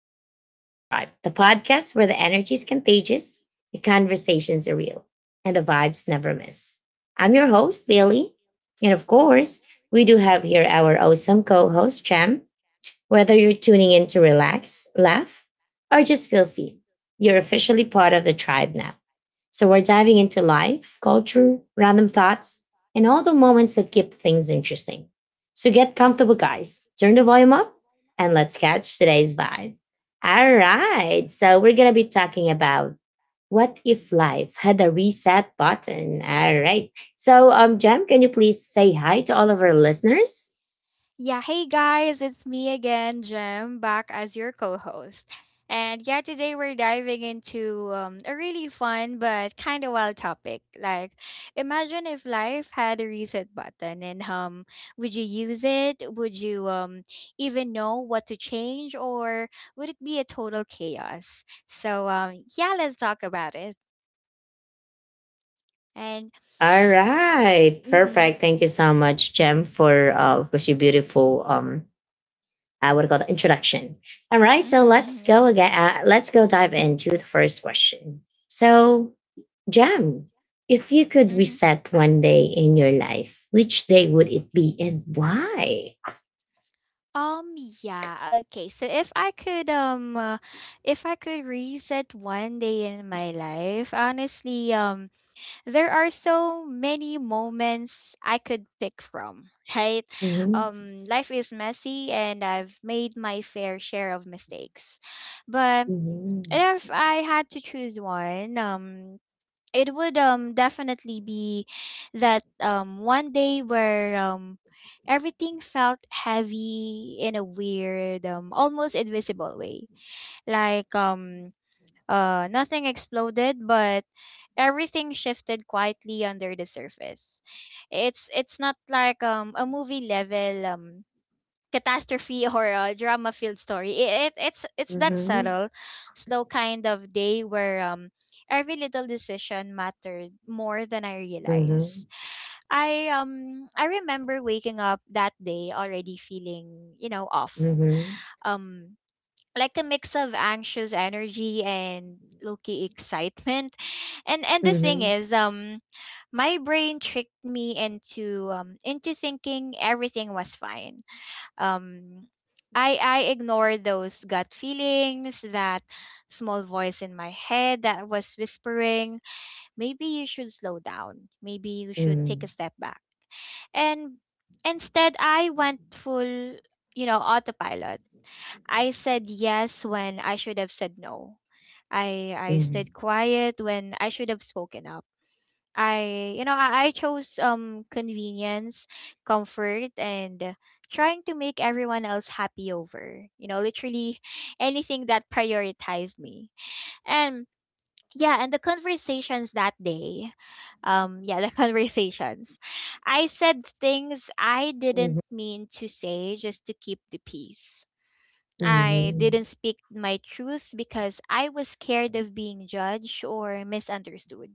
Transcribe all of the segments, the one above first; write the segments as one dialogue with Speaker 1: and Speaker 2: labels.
Speaker 1: Welcome to the Vibe Tribe, the podcast where the energy is contagious, the conversations are real, and the vibes never miss. I'm your host, Bailey. And of course, we do have here our awesome co host, Cham. Whether you're tuning in to relax, laugh, or just feel seen, you're officially part of the tribe now. So we're diving into life, culture, random thoughts, and all the moments that keep things interesting. So get comfortable, guys. Turn the volume up and let's catch today's vibe. All right. So we're going to be talking about what if life had a reset button? All right. Jam, can you please say hi to all of our listeners?
Speaker 2: Yeah, hey guys, it's me again, Jem, back as your co host. And yeah, today we're diving into a really fun but kind of wild topic. Like, imagine if life had a reset button. And would you use it? Would you even know what to change, or would it be a total chaos? Yeah, let's talk about it. And,
Speaker 1: All right.
Speaker 2: mm hmm,
Speaker 1: Perfect. Thank you so much, Jem, for of course your beautiful I would call the introduction. All right, so let's
Speaker 2: mm
Speaker 1: go again. Let's go dive into the first question. So, Jem, if you could
Speaker 2: hmm,
Speaker 1: reset one day in your life, which day would it be and why?
Speaker 2: Um, yeah, okay. So if I could reset one day in my life, honestly, there are so many moments I could pick from, right?
Speaker 1: Mhm.
Speaker 2: Life is messy and I've made my fair share of mistakes. But
Speaker 1: Mhm.
Speaker 2: if I had to choose one, it would definitely be that one day where everything felt heavy in a weird almost invisible way, like nothing exploded, but everything shifted quietly under the surface. It's not like a movie level catastrophe or a drama-filled story. It's that
Speaker 1: Mhm.
Speaker 2: subtle, slow kind of day where every little decision mattered more than I
Speaker 1: mhm,
Speaker 2: realized. I remember waking up that day already feeling, you know, off.
Speaker 1: mhm, mhm,
Speaker 2: Um like a mix of anxious energy and low-key excitement. And
Speaker 1: mhm,
Speaker 2: the
Speaker 1: mhm,
Speaker 2: thing
Speaker 1: mhm,
Speaker 2: is, my brain tricked me into thinking everything was fine. Um I I ignore those gut feelings, that small voice in my head that was whispering, maybe you should slow down. Maybe you should take a step back. And instead I went full, you know, autopilot. I said yes when I should have said no. I
Speaker 1: mhm,
Speaker 2: stayed quiet when I should have spoken up. I you know I chose convenience, comfort, and trying to make everyone else happy over, you know, literally anything that prioritized me. And yeah, and the conversations that day, yeah, the conversations, I said things I didn't mean to say just to keep the peace. I didn't speak my truth because I was scared of being judged or misunderstood.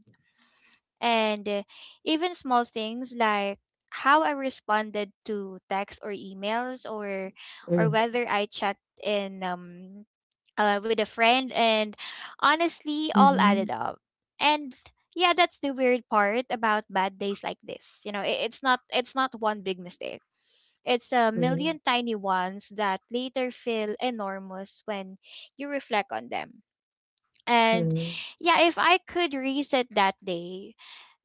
Speaker 2: And even small things like how I responded to texts or emails, or
Speaker 1: mhm,
Speaker 2: whether I checked in with a friend, and honestly, all added
Speaker 1: mhm,
Speaker 2: up. And yeah, that's the weird part about bad days like this. You know, it's not it's not one big mistake. It's a
Speaker 1: mhm,
Speaker 2: million tiny ones that later feel enormous when you reflect on them. And
Speaker 1: mhm.
Speaker 2: yeah, if I could reset that day,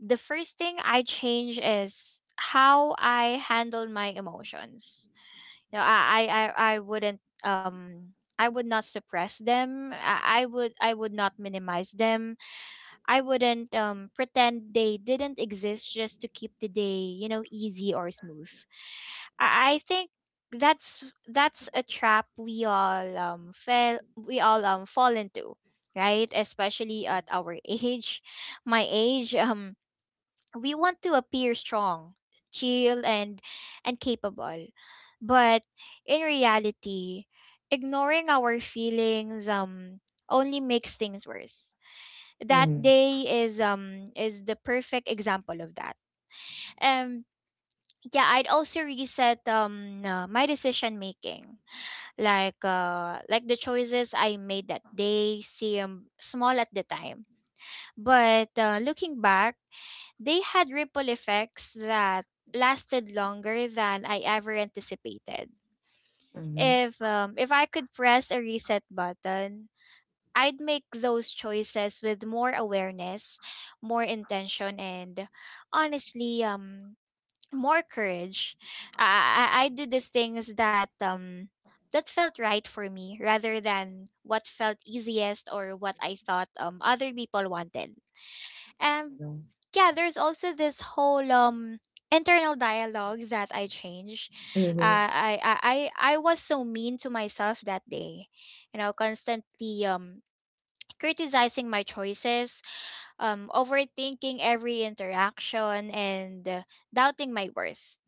Speaker 2: the first thing I change is how I handle my emotions. You know, I I I, I wouldn't I would not suppress them. I would not minimize them. I wouldn't pretend they didn't exist just to keep the day, you know, easy or smooth. I think that's a trap we all fall into, right? Especially at our age, my age. We want to appear strong, chill, and capable, but in reality, ignoring our feelings only makes things worse. That
Speaker 1: mhm.
Speaker 2: day is the perfect example of that. Um yeah, I'd also reset my decision making. Like the choices I made that day seem small at the time, but looking back, they had ripple effects that lasted longer than I ever anticipated.
Speaker 1: Mhm,
Speaker 2: If I could press a reset button, I'd make those choices with more awareness, more intention, and honestly, more courage. I do the things that that felt right for me rather than what felt easiest or what I thought other people wanted. And
Speaker 1: mhm,
Speaker 2: yeah, there's also this whole internal dialogue that I changed.
Speaker 1: mhm,
Speaker 2: Uh, I, I I I was so mean to myself that day, you know, constantly criticizing my choices, overthinking every interaction, and doubting my worth.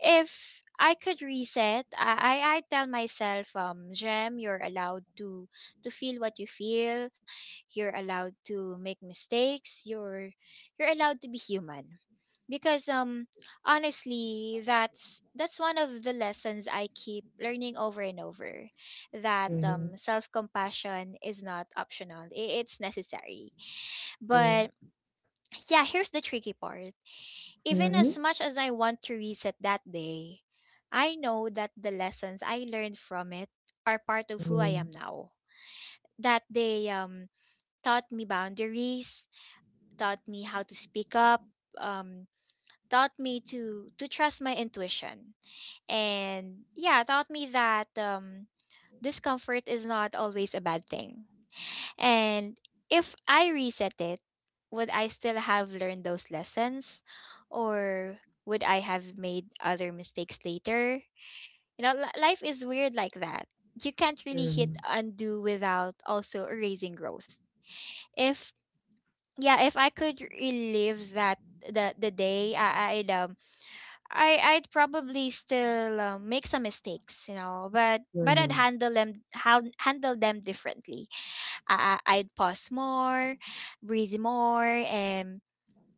Speaker 2: If I could reset, I tell myself, Jem, you're allowed to feel what you feel. You're allowed to make mistakes. You're allowed to be human. Because honestly, that's one of the lessons I keep learning over and over. That
Speaker 1: mhm,
Speaker 2: self compassion is not optional. It's necessary.
Speaker 1: mhm,
Speaker 2: But yeah, here's the tricky part.
Speaker 1: mhm,
Speaker 2: Even
Speaker 1: mhm,
Speaker 2: as much as I want to reset that day, I know that the lessons I learned from it are part of who I am
Speaker 1: mhm,
Speaker 2: now. That they taught me boundaries, taught me how to speak up, um, taught me to trust my intuition, and yeah, taught me that discomfort is not always a bad thing. And if I reset it, would I still have learned those lessons? Or would I have made other mistakes later? You know, life is weird like that. You can't really hit undo without also erasing growth. If, yeah, if I could relive that the day, I'd I'd probably still make some mistakes, you know, but I'd
Speaker 1: mhm,
Speaker 2: handle them differently. I'd pause more, breathe more, and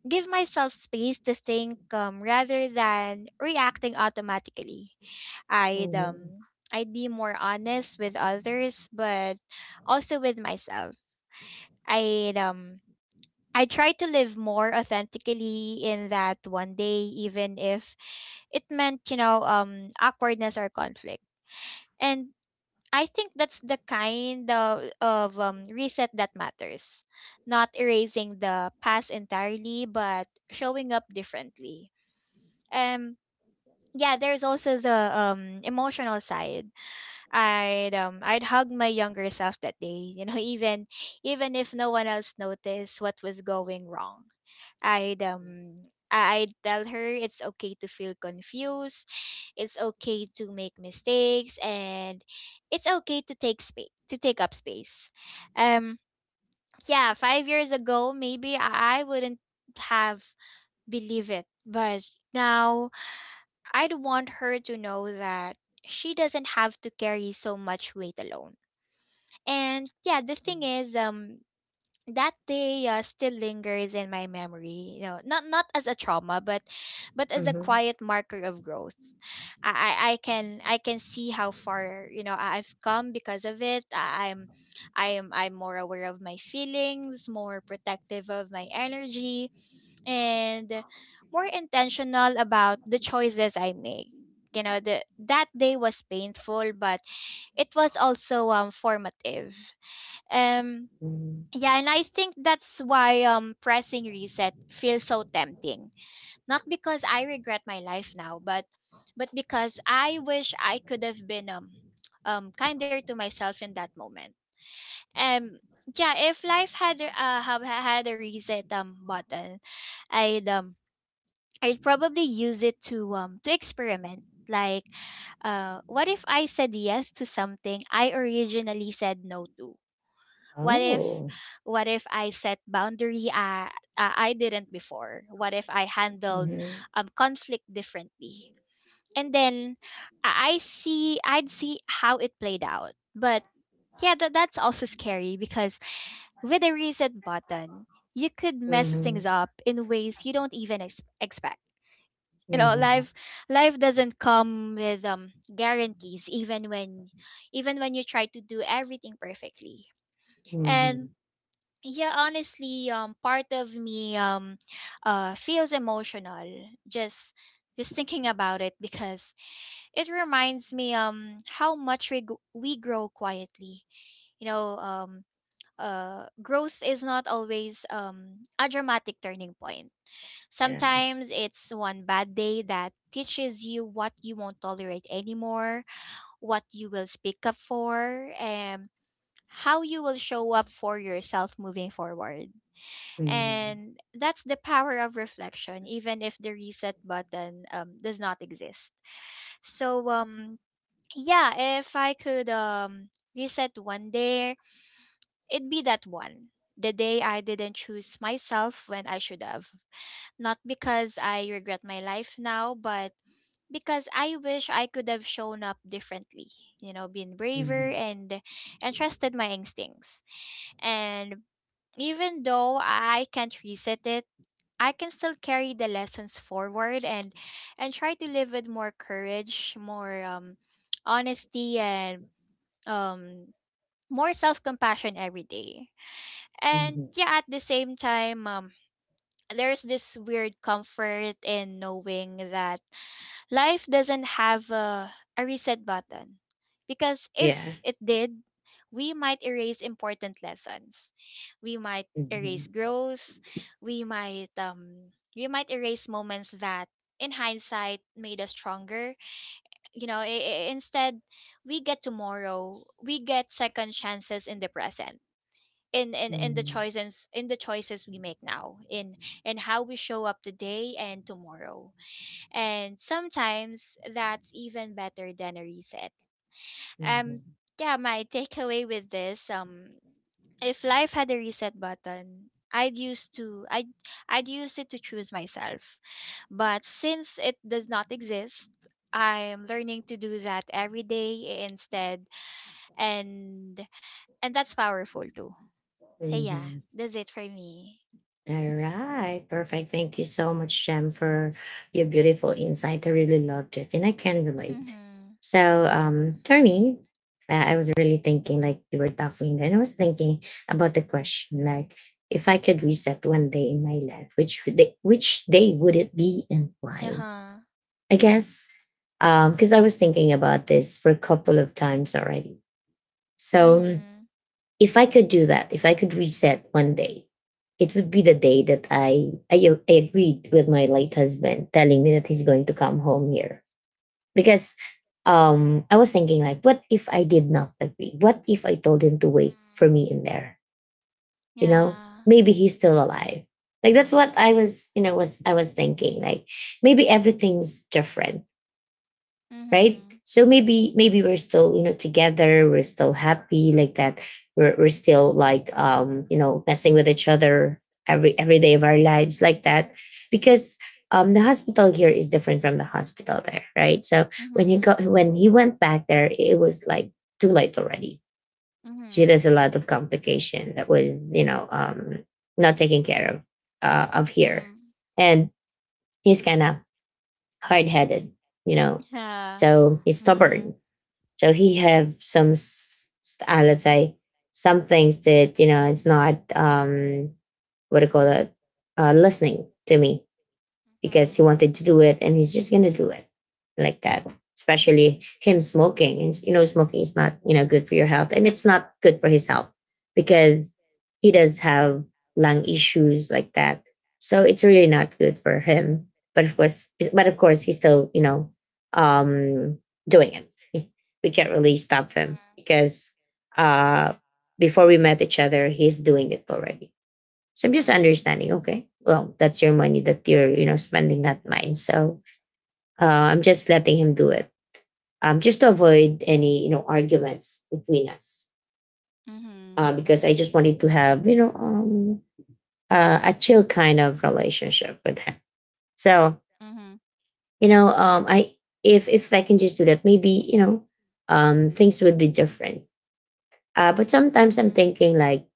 Speaker 2: give myself space to think, rather than reacting automatically. I'd
Speaker 1: mhm,
Speaker 2: um I'd be more honest with others, but also with myself. I'd um I try to live more authentically in that one day, even if it meant, you know, awkwardness or conflict. And I think that's the kind of reset that matters. Not erasing the past entirely, but showing up differently. Um, yeah, there's also the emotional side. I'd hug my younger self that day, you know, even even if no one else noticed what was going wrong. I'd tell her it's okay to feel confused, it's okay to make mistakes, and it's okay to take up space. Um yeah, 5 years ago, maybe I wouldn't have believed it. But now I'd want her to know that she doesn't have to carry so much weight alone. And yeah, the thing is, that day still lingers in my memory. You know, not not as a trauma, but as a
Speaker 1: mhm,
Speaker 2: quiet marker of growth. I can see how far, you know, I've come because of it. I, I'm I am I'm more aware of my feelings, more protective of my energy, and more intentional about the choices I make. You know, the that day was painful, but it was also formative. um
Speaker 1: mhm.
Speaker 2: yeah, and I think that's why pressing reset feels so tempting. Not because I regret my life now, but because I wish I could have been kinder to myself in that moment. Um yeah, if life had have had a reset button, I'd um I'd probably use it to experiment, like what if I said yes to something I originally said no to? what if
Speaker 1: Oh.
Speaker 2: what if I set boundary I didn't before? What if I handled,
Speaker 1: Mhm,
Speaker 2: conflict differently, and then I'd see how it played out? But yeah, that's also scary because with a reset button, you could mess things
Speaker 1: mhm,
Speaker 2: up in ways you don't even expect. You know,
Speaker 1: mhm,
Speaker 2: life life doesn't come with guarantees, even when you try to do everything perfectly. And
Speaker 1: mhm.
Speaker 2: yeah, honestly, part of me, feels emotional just thinking about it because it reminds me how much we grow quietly. You know, growth is not always a dramatic turning point.
Speaker 1: Yeah.
Speaker 2: Sometimes it's one bad day that teaches you what you won't tolerate anymore, what you will speak up for, and how you will show up for yourself moving forward.
Speaker 1: Mhm.
Speaker 2: And that's the power of reflection, even if the reset button, does not exist. So yeah, if I could reset one day, it'd be that one. The day I didn't choose myself when I should have. Not because I regret my life now, but because I wish I could have shown up differently, you know, been braver
Speaker 1: mhm,
Speaker 2: and trusted my instincts. And even though I can't reset it, I can still carry the lessons forward and try to live with more courage, more honesty and um more self-compassion every day. And
Speaker 1: mhm.
Speaker 2: yeah, at the same time, there's this weird comfort in knowing that life doesn't have a reset button, because
Speaker 1: Yeah.
Speaker 2: if it did, we might erase important lessons. We might erase
Speaker 1: Mhm,
Speaker 2: growth. We might erase moments that in hindsight made us stronger. You know, instead we get tomorrow. We get second chances in the present. In the
Speaker 1: mhm,
Speaker 2: choices, we make now, in how we show up today and tomorrow, and sometimes that's even better than a reset. Um
Speaker 1: mhm.
Speaker 2: yeah, my takeaway with this, if life had a reset button, I'd use it to choose myself. But since it does not exist, I'm learning to do that every day instead, and and that's powerful too. So yeah,
Speaker 1: Mhm.
Speaker 2: that's it for me.
Speaker 1: All right, perfect. Thank you so much, Jem, for your beautiful insight. I really loved it, and I can relate.
Speaker 2: Mhm.
Speaker 1: So, for me, I was really thinking, like you were talking, and I was thinking about the question, like if I could reset one day in my life, which day would it be, and why?
Speaker 2: Uh-huh.
Speaker 1: I guess, because I was thinking about this for a couple of times already. So,
Speaker 2: Mhm.
Speaker 1: if I could do that, if I could reset one day, it would be the day that I agreed with my late husband telling me that he's going to come home here. Because I was thinking, like, what if I did not agree? What if I told him to wait
Speaker 2: Mhm.
Speaker 1: for me in there? You know,
Speaker 2: Yeah.
Speaker 1: maybe he's still alive. Like that's what I was, you know, was I was thinking. Like maybe everything's different, right?
Speaker 2: Mhm.
Speaker 1: So maybe maybe we're still, you know, together, we're still happy like that. We're still like um, you know, messing with each other every day of our lives like that. Because um, the hospital here is different from the hospital there, right? So when he got
Speaker 2: Mhm.
Speaker 1: when he went back there, it was like too late already. She has a
Speaker 2: Mhm.
Speaker 1: lot of complication that was, you know, um, not taken care of here.
Speaker 2: Mhm.
Speaker 1: And he's kind of hard-headed, you know.
Speaker 2: Yeah.
Speaker 1: So he's stubborn.
Speaker 2: Mhm.
Speaker 1: So he have some, let's say, some things that, you know, it's not what do you call it, listening to me, because he
Speaker 2: Mhm.
Speaker 1: wanted to do it and he's just gonna do it like that. Especially him smoking. And you know, smoking is not, you know, good for your health. And it's not good for his health because he does have lung issues like that. So it's really not good for him. But of course he's still, you know, um, doing it. We can't really stop him because uh, before we met each other, he's doing it already. So I'm just understanding, okay, well, that's your money that you're, you know, spending, not mine. So uh, I'm just letting him do it. Just to
Speaker 2: Mhm.
Speaker 1: avoid any, you know, arguments between us.
Speaker 2: Mhm.
Speaker 1: Because I just wanted to have, you know, a chill kind of relationship with him. So,
Speaker 2: Mhm. Mhm.
Speaker 1: you know, I, if I can just do that, maybe, you know, things would be different. But sometimes I'm
Speaker 2: Mhm.
Speaker 1: thinking like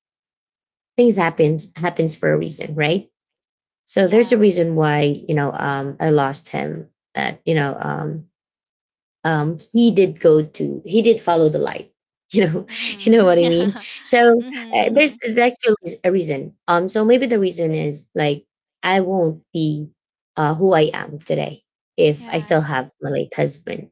Speaker 1: things happens for a reason, right? So there's a
Speaker 2: Yeah.
Speaker 1: reason why, you know, I lost him. That you know he did follow the light. You know, you know what
Speaker 2: Mhm.
Speaker 1: I mean. So there's, there's actually a reason. So maybe the reason is like I won't be who I am today if I still
Speaker 2: Yeah.
Speaker 1: have my late husband.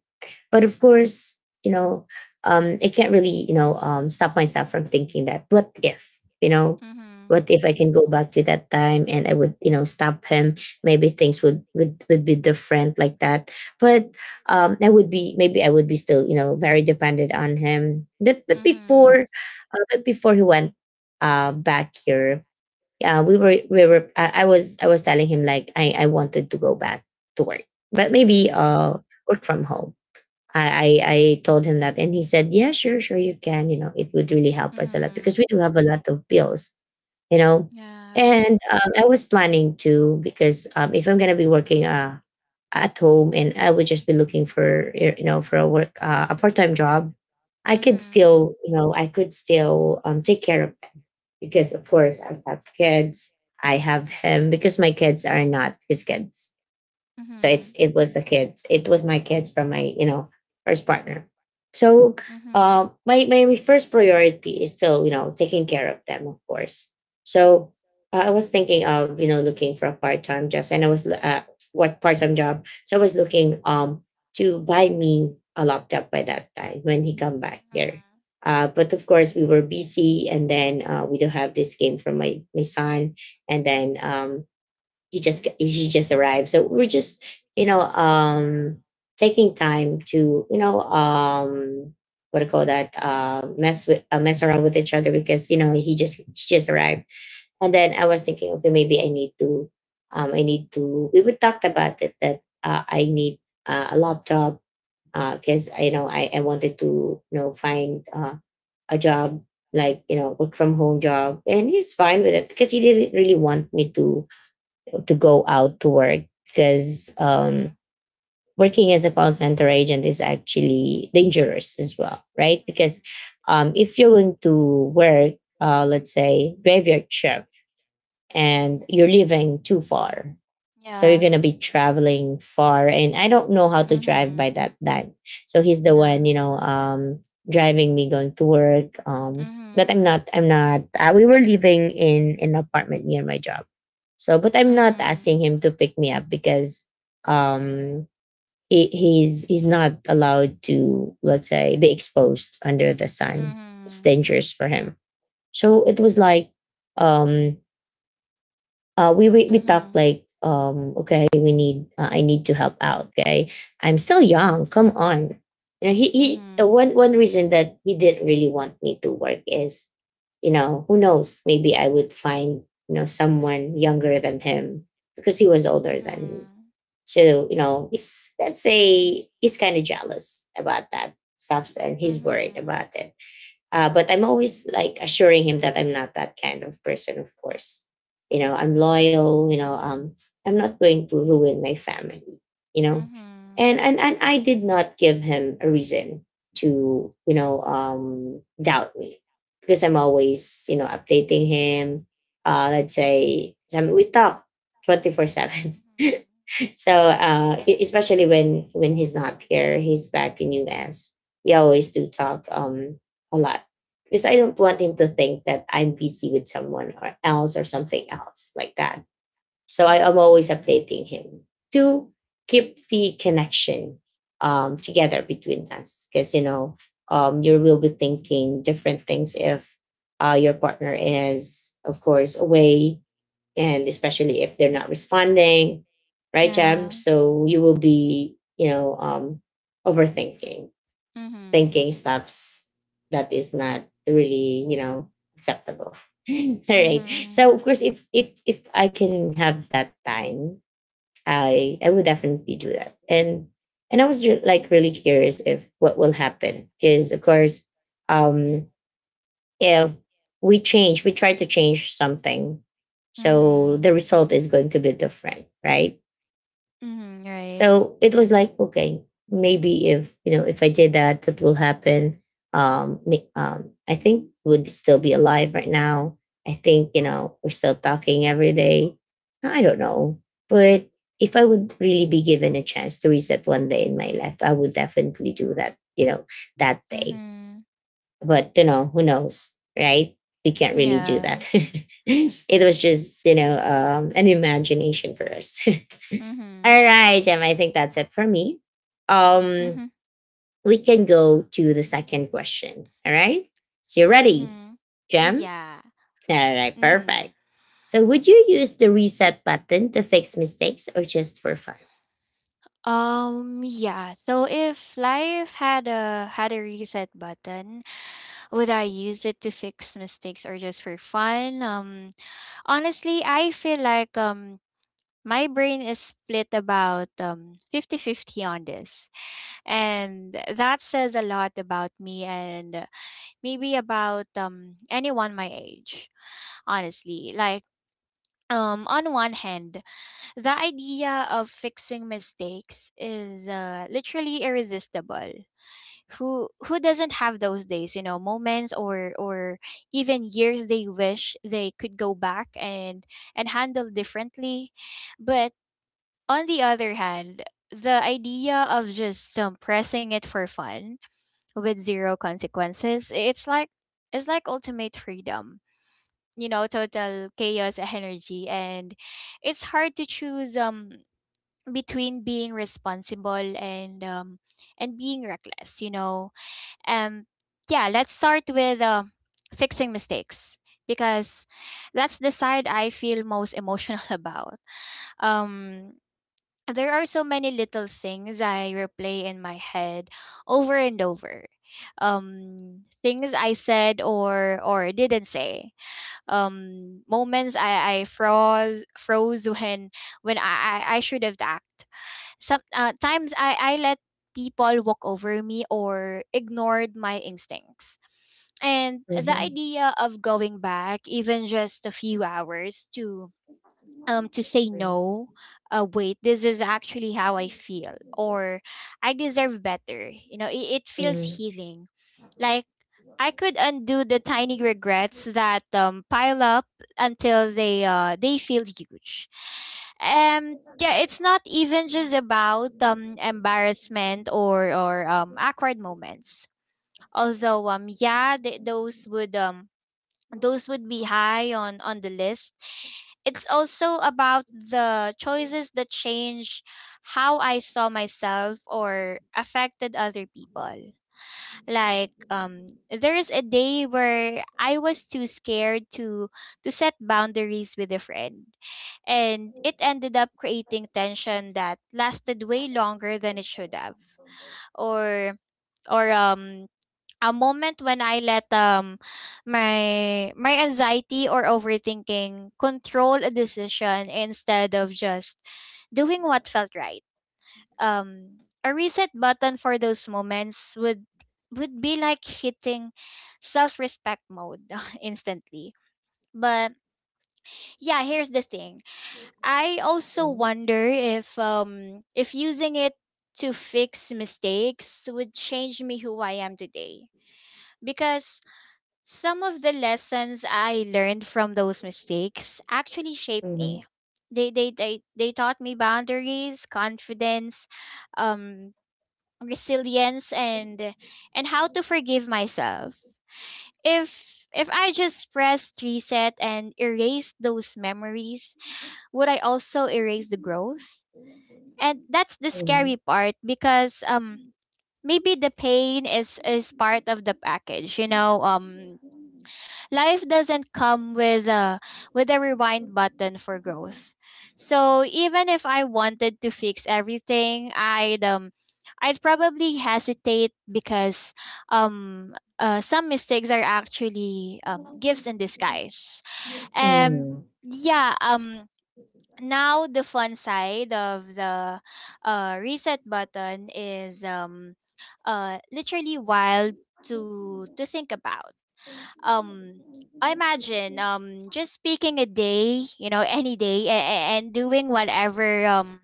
Speaker 1: But of course, you know, I can't really, you know, stop myself from thinking that what if, you know,
Speaker 2: Mhm.
Speaker 1: what if I can go back to that time and I would, you know, stop him. Maybe things would be different like that. But I would be, maybe I would be still, you know, very dependent on him. But but
Speaker 2: Mhm.
Speaker 1: before, uh, but before he went back here, yeah, we were we were. I was telling him like I wanted to go back to work, but
Speaker 2: Yeah.
Speaker 1: maybe uh, work from home. I, I told him that, and he said, "Yeah, sure, sure, you can. You know, it would really help us a lot because we do have a lot of bills. You know." And I was planning to, because if I'm gonna be working at home and I would just be looking for you know, for a work, a part time job, I could still take care of them, because of course I have kids. I have him, because my kids are not his kids. So
Speaker 2: Mhm.
Speaker 1: it's, it was the kids. It was my kids from my, you know, first partner. So my first priority is still, you know, taking care of them, of course. So I was thinking of, you know, looking for a part time job, and I was what part time job. So I was looking um, to buy me a laptop by that time when he come
Speaker 2: Mhm.
Speaker 1: back
Speaker 2: Mhm.
Speaker 1: here.
Speaker 2: Mhm.
Speaker 1: But of course, we were busy, and then we do have this game from my son, and then he just arrived, so we're just, you know, um, taking time to, you know, um, what do you call that, mess around with each other because you know he just arrived. And then I
Speaker 2: Yeah. Mhm.
Speaker 1: was thinking, okay,
Speaker 2: Mhm.
Speaker 1: maybe I need to um, I need to, we would talked about it that I need a laptop,
Speaker 2: Mhm.
Speaker 1: because I, you know, I,
Speaker 2: Mhm.
Speaker 1: I wanted to, you know, find a job, like, you know, work from home job. And he's fine with it because he didn't really want me to go out to work, because
Speaker 2: Uh-huh.
Speaker 1: working as a call center agent is actually dangerous as well, right?
Speaker 2: Mhm.
Speaker 1: Because if you're going to work, let's say graveyard shift, and
Speaker 2: Mhm.
Speaker 1: you're living too far. So you're
Speaker 2: Yeah.
Speaker 1: gonna be traveling far, and I don't know how to drive by
Speaker 2: Mhm.
Speaker 1: that time. So he's the one,
Speaker 2: Nah.
Speaker 1: you know, driving me going to work. But I'm
Speaker 2: Mhm.
Speaker 1: not. I'm not. We were living in an apartment near my job. So, but I'm not
Speaker 2: Mhm.
Speaker 1: asking him to pick me up, because um, he's not allowed to, let's say, be exposed under the sun. It's
Speaker 2: Mhm.
Speaker 1: dangerous for him. So it was like um, we talked
Speaker 2: Mhm.
Speaker 1: like um, okay, we need I need to help out, okay, I'm still young, come on. You know, he
Speaker 2: Mhm.
Speaker 1: one reason that he didn't really want me to work is, you know, who knows, maybe I would find, you know, someone younger than him, because he was older than me. So, you know, he's, let's say, he's kind of jealous about that stuff and he's worried
Speaker 2: Mhm.
Speaker 1: about it. Uh, but I'm always like assuring him that I'm not that kind of person, of course. You know, I'm loyal, you know, I'm not going to ruin my family, you know.
Speaker 2: Mhm.
Speaker 1: And I did not give him a reason to, you know, um, doubt me. Because I'm always, you know, updating him. Let's say, I mean, we talk 24/7.
Speaker 2: Mhm.
Speaker 1: So especially when he's not here, he's back in US. We always do talk um, a lot, because I don't want him to think that I'm busy with someone or else or something else like that. So I am always updating him to keep the connection um, together between us, because you know um, you will be thinking different things if your partner is of course away, and especially if they're not responding, right, Jam?
Speaker 2: Yeah.
Speaker 1: So you will be, you know, overthinking,
Speaker 2: Mhm.
Speaker 1: thinking stuffs that is not really, you know, acceptable. All right. So
Speaker 2: Mhm.
Speaker 1: of course, if I can have that time, I would definitely do that. And I was like really curious if what will happen, because of course, um, if we change, we try to change something. So
Speaker 2: Mhm.
Speaker 1: the result is going to be different, right?
Speaker 2: Mhm. Right.
Speaker 1: So it was like, okay, maybe if if I did that, what will happen? I think would still be alive right now. I think, we're still talking every day. I don't know. But if I would really be given a chance to reset one day in my life, I would definitely do that, that day
Speaker 2: Mhm.
Speaker 1: but who knows, right? We can't really do
Speaker 2: Yeah.
Speaker 1: that. It was just an imagination for us.
Speaker 2: Mhm.
Speaker 1: All right, Gemma, I think that's it for me. um
Speaker 2: Mhm.
Speaker 1: we can go to the second question. All right, so you're ready,
Speaker 2: Mhm.
Speaker 1: Gem?
Speaker 2: Yeah.
Speaker 1: All right,
Speaker 2: Mhm.
Speaker 1: perfect. So, would you use the reset button to fix mistakes or just for fun?
Speaker 2: Yeah. So if life had a reset button, would I use it to fix mistakes or just for fun? Honestly, I feel like my brain is split about fifty-fifty on this. And that says a lot about me, and maybe about anyone my age, honestly. Like, on one hand, the idea of fixing mistakes is literally irresistible. Who doesn't have those days, you know, moments or even years they wish they could go back and handle differently. But on the other hand, the idea of just pressing it for fun with zero consequences, it's like ultimate freedom. You know, total chaos energy, and it's hard to choose between being responsible and being reckless, you know. Um yeah, let's start with fixing mistakes because that's the side I feel most emotional about. Um there are so many little things I replay in my head over and over. Things I said or didn't say. Moments I froze when I should have acted. Some times I let people walk over me or ignored my instincts. And the
Speaker 1: Mhm,
Speaker 2: idea of going back, even just a few hours, to say
Speaker 1: mhm,
Speaker 2: no, wait, this is actually how I feel, or I deserve better, you know, it feels
Speaker 1: mhm,
Speaker 2: healing. Like, I could undo the tiny regrets that pile up until they feel huge. Yeah, it's not even just about embarrassment or awkward moments. Although, yeah, those would be high on the list. It's also about the choices that change how I saw myself or affected other people. Like, there is a day where I was too scared to set boundaries with a friend, and it ended up creating tension that lasted way longer than it should have. Or or um a moment when I let my anxiety or overthinking control a decision instead of just doing what felt right. A reset button for those moments would be like hitting self-respect mode instantly. But yeah, here's the thing. I also wonder if using it to fix mistakes would change me, who I am today, because some of the lessons I learned from those mistakes actually shaped
Speaker 1: mhm,
Speaker 2: me. They taught me boundaries, confidence, um resilience, and how to forgive myself. If if I just pressed reset and erased those memories, would I also erase the growth? And that's the
Speaker 1: mhm,
Speaker 2: scary part, because maybe the pain is part of the package. You know, life doesn't come with a rewind button for growth. So even if I wanted to fix everything, I'd probably hesitate, because some mistakes are actually gifts in disguise. And
Speaker 1: mhm,
Speaker 2: yeah, now the fun side of the reset button is literally wild to think about. um I imagine just picking a day, you know, any day, and doing whatever um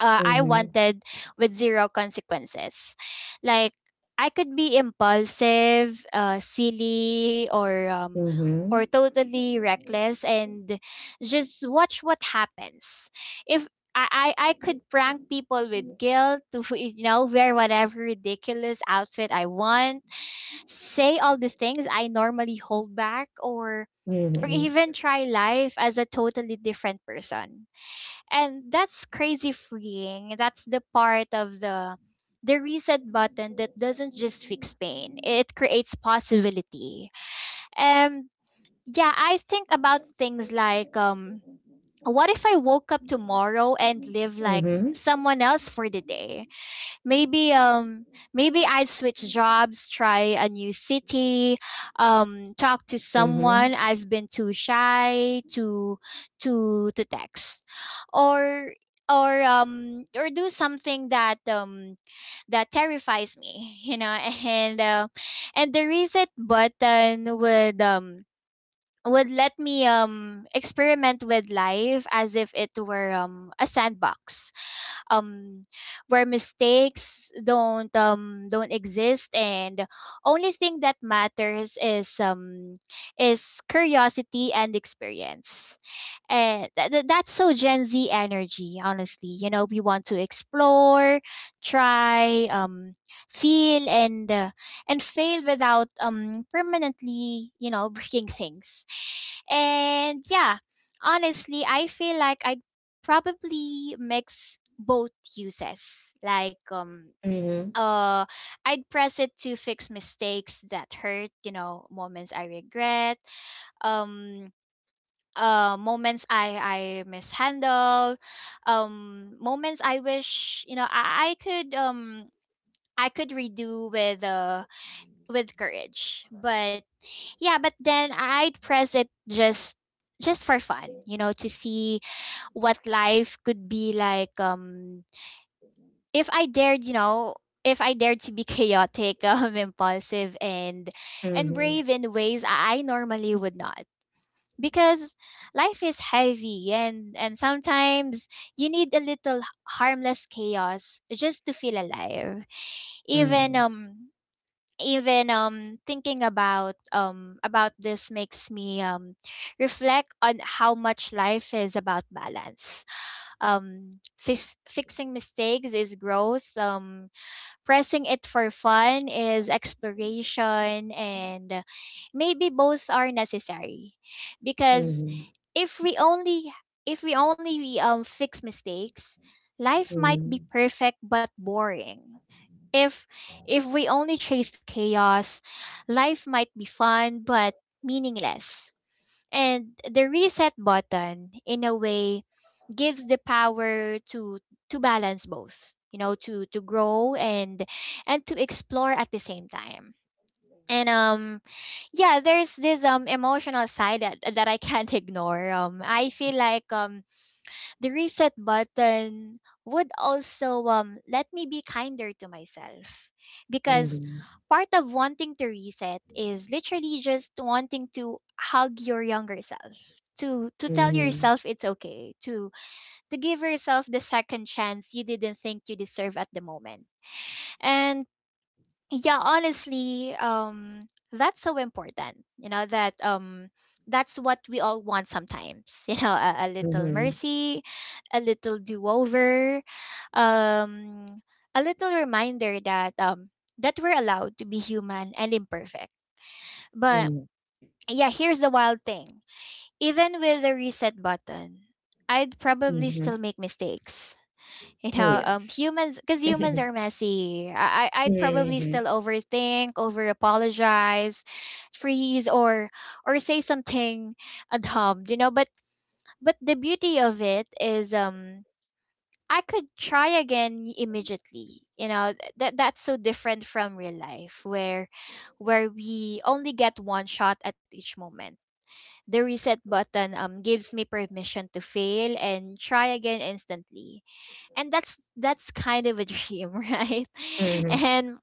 Speaker 2: uh, I
Speaker 1: mhm,
Speaker 2: wanted, with zero consequences. Like, I could be impulsive, silly, or
Speaker 1: mhm,
Speaker 2: totally reckless, and just watch what happens. If I could prank people with guilt, you know, wear whatever ridiculous outfit I want, say all the things I normally hold back, or
Speaker 1: mhm,
Speaker 2: even try life as a totally different person. And that's crazy freeing. That's the part of the reset button that doesn't just fix pain. It creates possibility. Um yeah, I think about things like, what if I woke up tomorrow and live like
Speaker 1: mhm,
Speaker 2: someone else for the day? Maybe um maybe I'd switch jobs, try a new city, talk to
Speaker 1: mhm,
Speaker 2: someone
Speaker 1: mhm,
Speaker 2: I've been too shy to text. Or or do something that terrifies me, you know. and uh, and the reset button would let me experiment with life as if it were a sandbox, um where mistakes don't exist, and only thing that matters is curiosity and experience. And that's so Gen Z energy, honestly. You know, we want to explore, try, feel, and fail without permanently, you know, breaking things. And yeah, honestly, I feel like I'd probably mix both uses. Like,
Speaker 1: mhm,
Speaker 2: uh I'd press it to fix mistakes that hurt, you know, moments I regret. Um Moments I mishandle, moments I wish, you know, I could redo with courage but yeah, but then I'd press it just for fun, you know, to see what life could be like, if I dared, you know, if I dared to be chaotic, impulsive, and
Speaker 1: mhm,
Speaker 2: and brave
Speaker 1: mhm.
Speaker 2: in ways I normally would not, because life is heavy, and sometimes you need a little harmless chaos just to feel alive. even
Speaker 1: Mhm.
Speaker 2: um even um thinking about this makes me reflect on how much life is about balance. Fixing mistakes is growth, pressing it for fun is exploration, and maybe both are necessary, because
Speaker 1: Mhm.
Speaker 2: if we only if we only fix mistakes, life might be
Speaker 1: Mhm.
Speaker 2: perfect but boring. If if we only chased chaos, life might be fun but meaningless. And the reset button, in a way, gives the power to balance both, you know, to grow, and to explore at the same time. And yeah, there's this emotional side that I can't ignore. I feel like the reset button would also let me be kinder to myself, because
Speaker 1: Mhm.
Speaker 2: part of wanting to reset is literally just wanting to hug your younger self, to tell
Speaker 1: Mhm.
Speaker 2: yourself it's okay, to give yourself the second chance you didn't think you deserve at the moment. And yeah, honestly, that's so important, you know, that's what we all want sometimes. You know, a little
Speaker 1: Mhm.
Speaker 2: mercy, a little do-over, um, a little reminder that we're allowed to be human and imperfect. But
Speaker 1: Mhm.
Speaker 2: yeah, here's the wild thing. Even with the reset button, I'd probably still
Speaker 1: Mhm.
Speaker 2: make mistakes. You
Speaker 1: Oh,
Speaker 2: know,
Speaker 1: yeah.
Speaker 2: humans, because humans are messy. I'd probably still
Speaker 1: Mhm.
Speaker 2: overthink, over apologize, freeze, or say something dumb. You know, but the beauty of it is, I could try again immediately. You know, that's so different from real life, where we only get one shot at each moment. The reset button gives me permission to fail and try again instantly. And that's kind of a dream, right?
Speaker 1: Mhm.
Speaker 2: And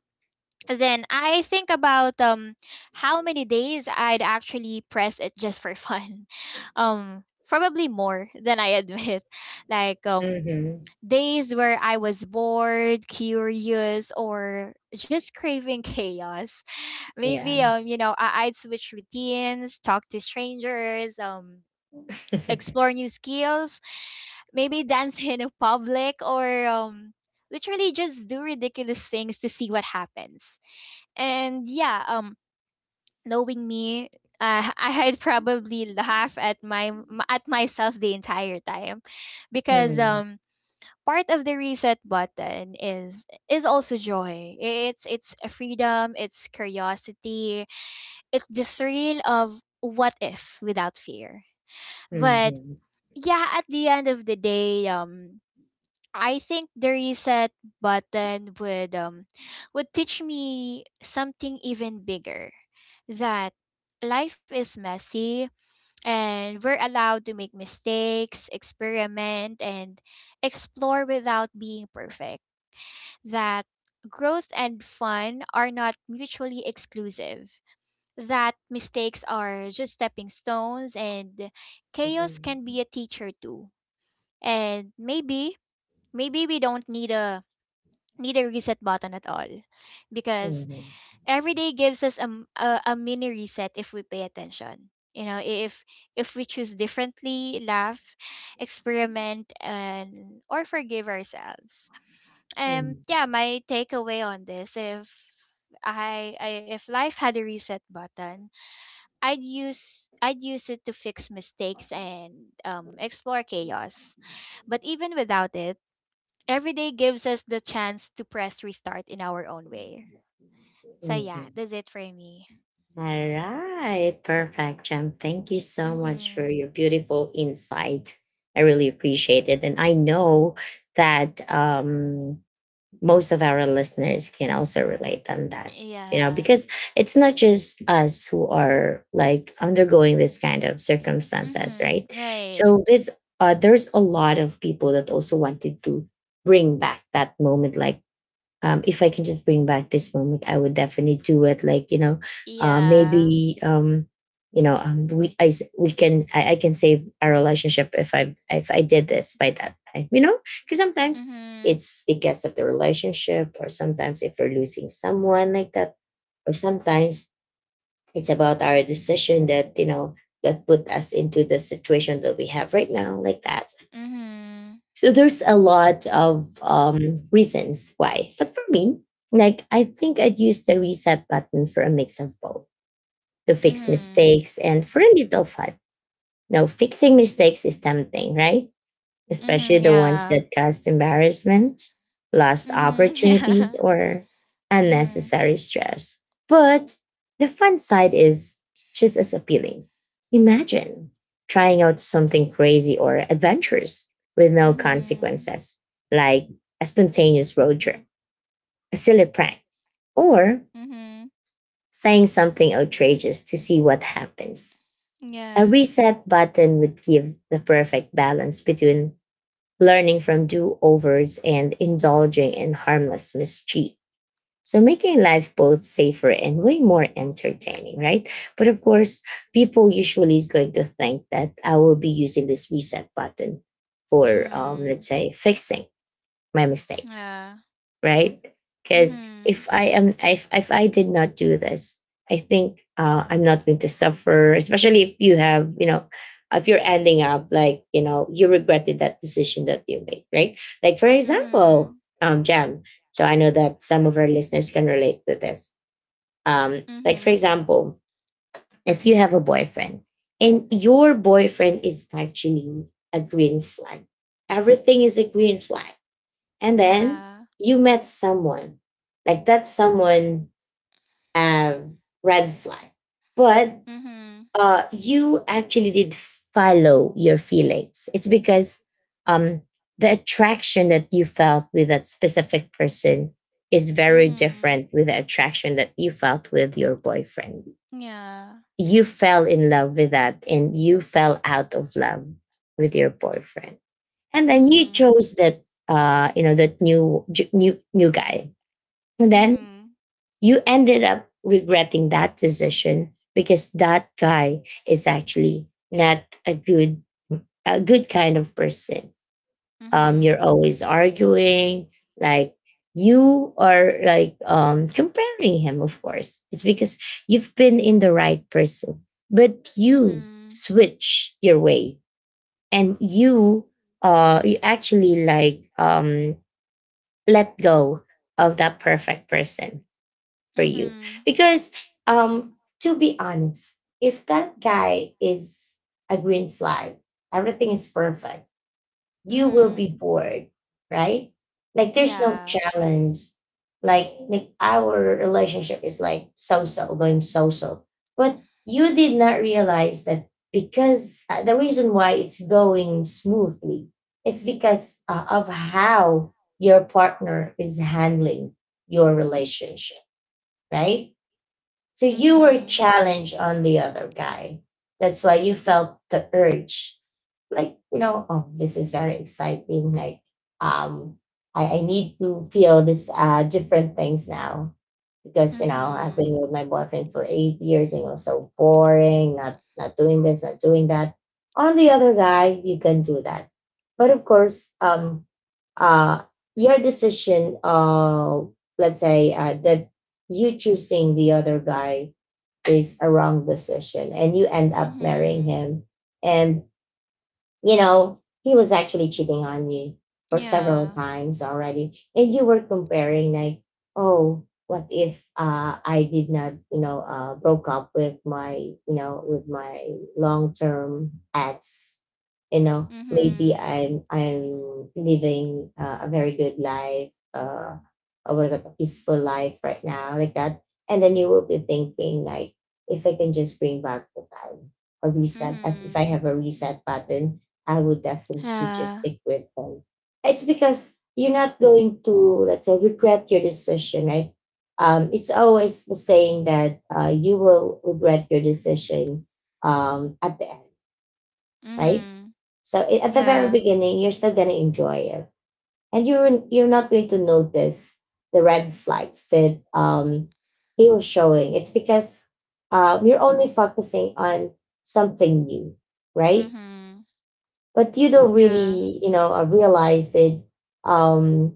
Speaker 2: then I think about how many days I'd actually press it just for fun. Um Probably more than I admit. Like,
Speaker 1: Mhm.
Speaker 2: days where I was bored, curious, or just craving chaos. Maybe
Speaker 1: Yeah.
Speaker 2: you know, I'd switch routines, talk to strangers, explore new skills, maybe dance in a public, or literally just do ridiculous things to see what happens. And yeah, knowing me, I'd probably laugh at my at myself the entire time, because
Speaker 1: Mhm.
Speaker 2: part of the reset button is also joy. It's a freedom, it's curiosity, it's the thrill of what if, without fear.
Speaker 1: Mhm.
Speaker 2: But
Speaker 1: Mhm.
Speaker 2: yeah, at the end of the day, I think the reset button would teach me something even bigger: that life is messy, and we're allowed to make mistakes, experiment, and explore without being perfect. That growth and fun are not mutually exclusive, that mistakes are just stepping stones, and chaos can be a teacher too. And maybe, maybe we don't need a reset button at all, because
Speaker 1: Mhm.
Speaker 2: every day gives us a mini reset, if we pay attention, you know, if we choose differently, laugh, experiment, and or forgive ourselves.
Speaker 1: Mhm.
Speaker 2: Yeah, my takeaway on this: if I, I if life had a reset button, I'd use it to fix mistakes and explore chaos. But even without it, every day gives us the chance to press restart in our own way. So yeah,
Speaker 1: Mhm.
Speaker 2: that's it for me.
Speaker 1: All right. Perfect, Jem. Thank you so much for
Speaker 2: Mm-hmm.
Speaker 1: your beautiful insight. I really appreciate it. And I know that most of our listeners can also relate on that,
Speaker 2: Yeah.
Speaker 1: because it's not just us who are like undergoing this kind of circumstances, right?
Speaker 2: Mm-hmm. Right.
Speaker 1: So this there's a lot of people that also wanted to bring back that moment, like if I can just bring back this moment, I would definitely do it. Like you know,
Speaker 2: Yeah.
Speaker 1: maybe you know, we I s- We can I can save our relationship if I did this by that time. You know, because sometimes
Speaker 2: Mm-hmm.
Speaker 1: it's because of the relationship, or sometimes if we're losing someone like that, or sometimes it's about our decision that that put us into the situation that we have right now, like that.
Speaker 2: Mm-hmm.
Speaker 1: So there's a lot of reasons why. But for me, like I think I'd use the reset button for a mix of both, to fix
Speaker 2: Mm-hmm.
Speaker 1: mistakes and for a little fun. Now, fixing mistakes is tempting, right? Especially
Speaker 2: Hmm.
Speaker 1: the ones that
Speaker 2: Yeah.
Speaker 1: caused embarrassment, lost
Speaker 2: Mm-hmm.
Speaker 1: opportunities,
Speaker 2: Yeah.
Speaker 1: or
Speaker 2: Mm-hmm.
Speaker 1: unnecessary stress. But the fun side is just as appealing. Imagine trying out something crazy or adventurous with no
Speaker 2: Mhm.
Speaker 1: consequences, like a spontaneous road trip, a silly prank, or
Speaker 2: Mhm.
Speaker 1: saying something outrageous to see what happens. A
Speaker 2: Yeah.
Speaker 1: reset button would give the perfect balance between learning from do overs and indulging in harmless mischief. So, making life both safer and way more entertaining, right? But of course, people usually is going to think that I will be using this reset button for, let's
Speaker 2: Mhm.
Speaker 1: say, fixing my mistakes,
Speaker 2: Yeah.
Speaker 1: right? Because if
Speaker 2: Mhm.
Speaker 1: I am, if I did not do this, I think I'm not going to suffer. Especially if you have, you know, if you're ending up like, you know, you regretted that decision that you made, right? Like for example,
Speaker 2: Mhm.
Speaker 1: Jam. So I know that some of our listeners can relate to this. Like for
Speaker 2: Mhm.
Speaker 1: example, if you have a boyfriend and your boyfriend is actually a green flag, everything is a green flag, and then
Speaker 2: Yeah.
Speaker 1: you met someone, like that someone have red flag, but
Speaker 2: Mhm.
Speaker 1: you actually did follow your feelings. It's because um the attraction that you felt with that specific person is very
Speaker 2: Mhm.
Speaker 1: different with the attraction that you felt with your boyfriend.
Speaker 2: Yeah.
Speaker 1: You fell in love with that, and you fell out of love with your boyfriend, and then you
Speaker 2: Mhm.
Speaker 1: chose that, that new ju- new new guy, and then
Speaker 2: Mhm.
Speaker 1: you ended up regretting that decision because that guy is actually not a good, a good kind of person. You're
Speaker 2: Mhm.
Speaker 1: always arguing, like you are like comparing him, of course. It's because you've been in the right person, but you
Speaker 2: Mhm.
Speaker 1: switch your way, and you you actually like let go of that perfect person for you,
Speaker 2: Mhm.
Speaker 1: because um to be honest, if that guy is a green flag, everything is perfect, you will be
Speaker 2: Mhm.
Speaker 1: bored, right? Like there's no
Speaker 2: Yeah.
Speaker 1: challenge, like our relationship is like so so going so so, but you did not realize that because the reason why it's going smoothly, it's because of how your partner is handling your relationship, right? So you were
Speaker 2: Mhm.
Speaker 1: challenged on the other guy. That's why you felt the urge. Like, you know, oh, this is very exciting. Like, um, I need to feel this different things now. Because, you know, I've been
Speaker 2: Mhm.
Speaker 1: with my boyfriend for 8 years and it was so boring, not doing this, not doing that. On the other guy, you can do that. But of course, uh, your decision of, let's say that, you choosing the other guy is a wrong decision, and you end up marrying
Speaker 2: Mhm.
Speaker 1: him, and you know he was actually cheating on you for several
Speaker 2: Yeah.
Speaker 1: times already, and you were comparing, like, oh, what if I did not, broke up with my, with my long term ex, you know, maybe
Speaker 2: Mhm.
Speaker 1: I'm living a very good life, or what about a peaceful life right now, like that. And then you will be thinking like, if I can just bring back the time, or reset as if I
Speaker 2: Mhm.
Speaker 1: have a reset button, I would definitely just
Speaker 2: Yeah.
Speaker 1: stick with them. It's because you're not going to, let's say, regret your decision, right? It's always the saying that you will regret your decision at the end, right?
Speaker 2: Mhm.
Speaker 1: At the very
Speaker 2: Yeah.
Speaker 1: beginning, you're still gonna enjoy it, and you're not going to notice the red flags that he was showing. It's because you're only focusing on something new, right?
Speaker 2: Mhm.
Speaker 1: But you don't
Speaker 2: Yeah.
Speaker 1: really, you know, realize that um,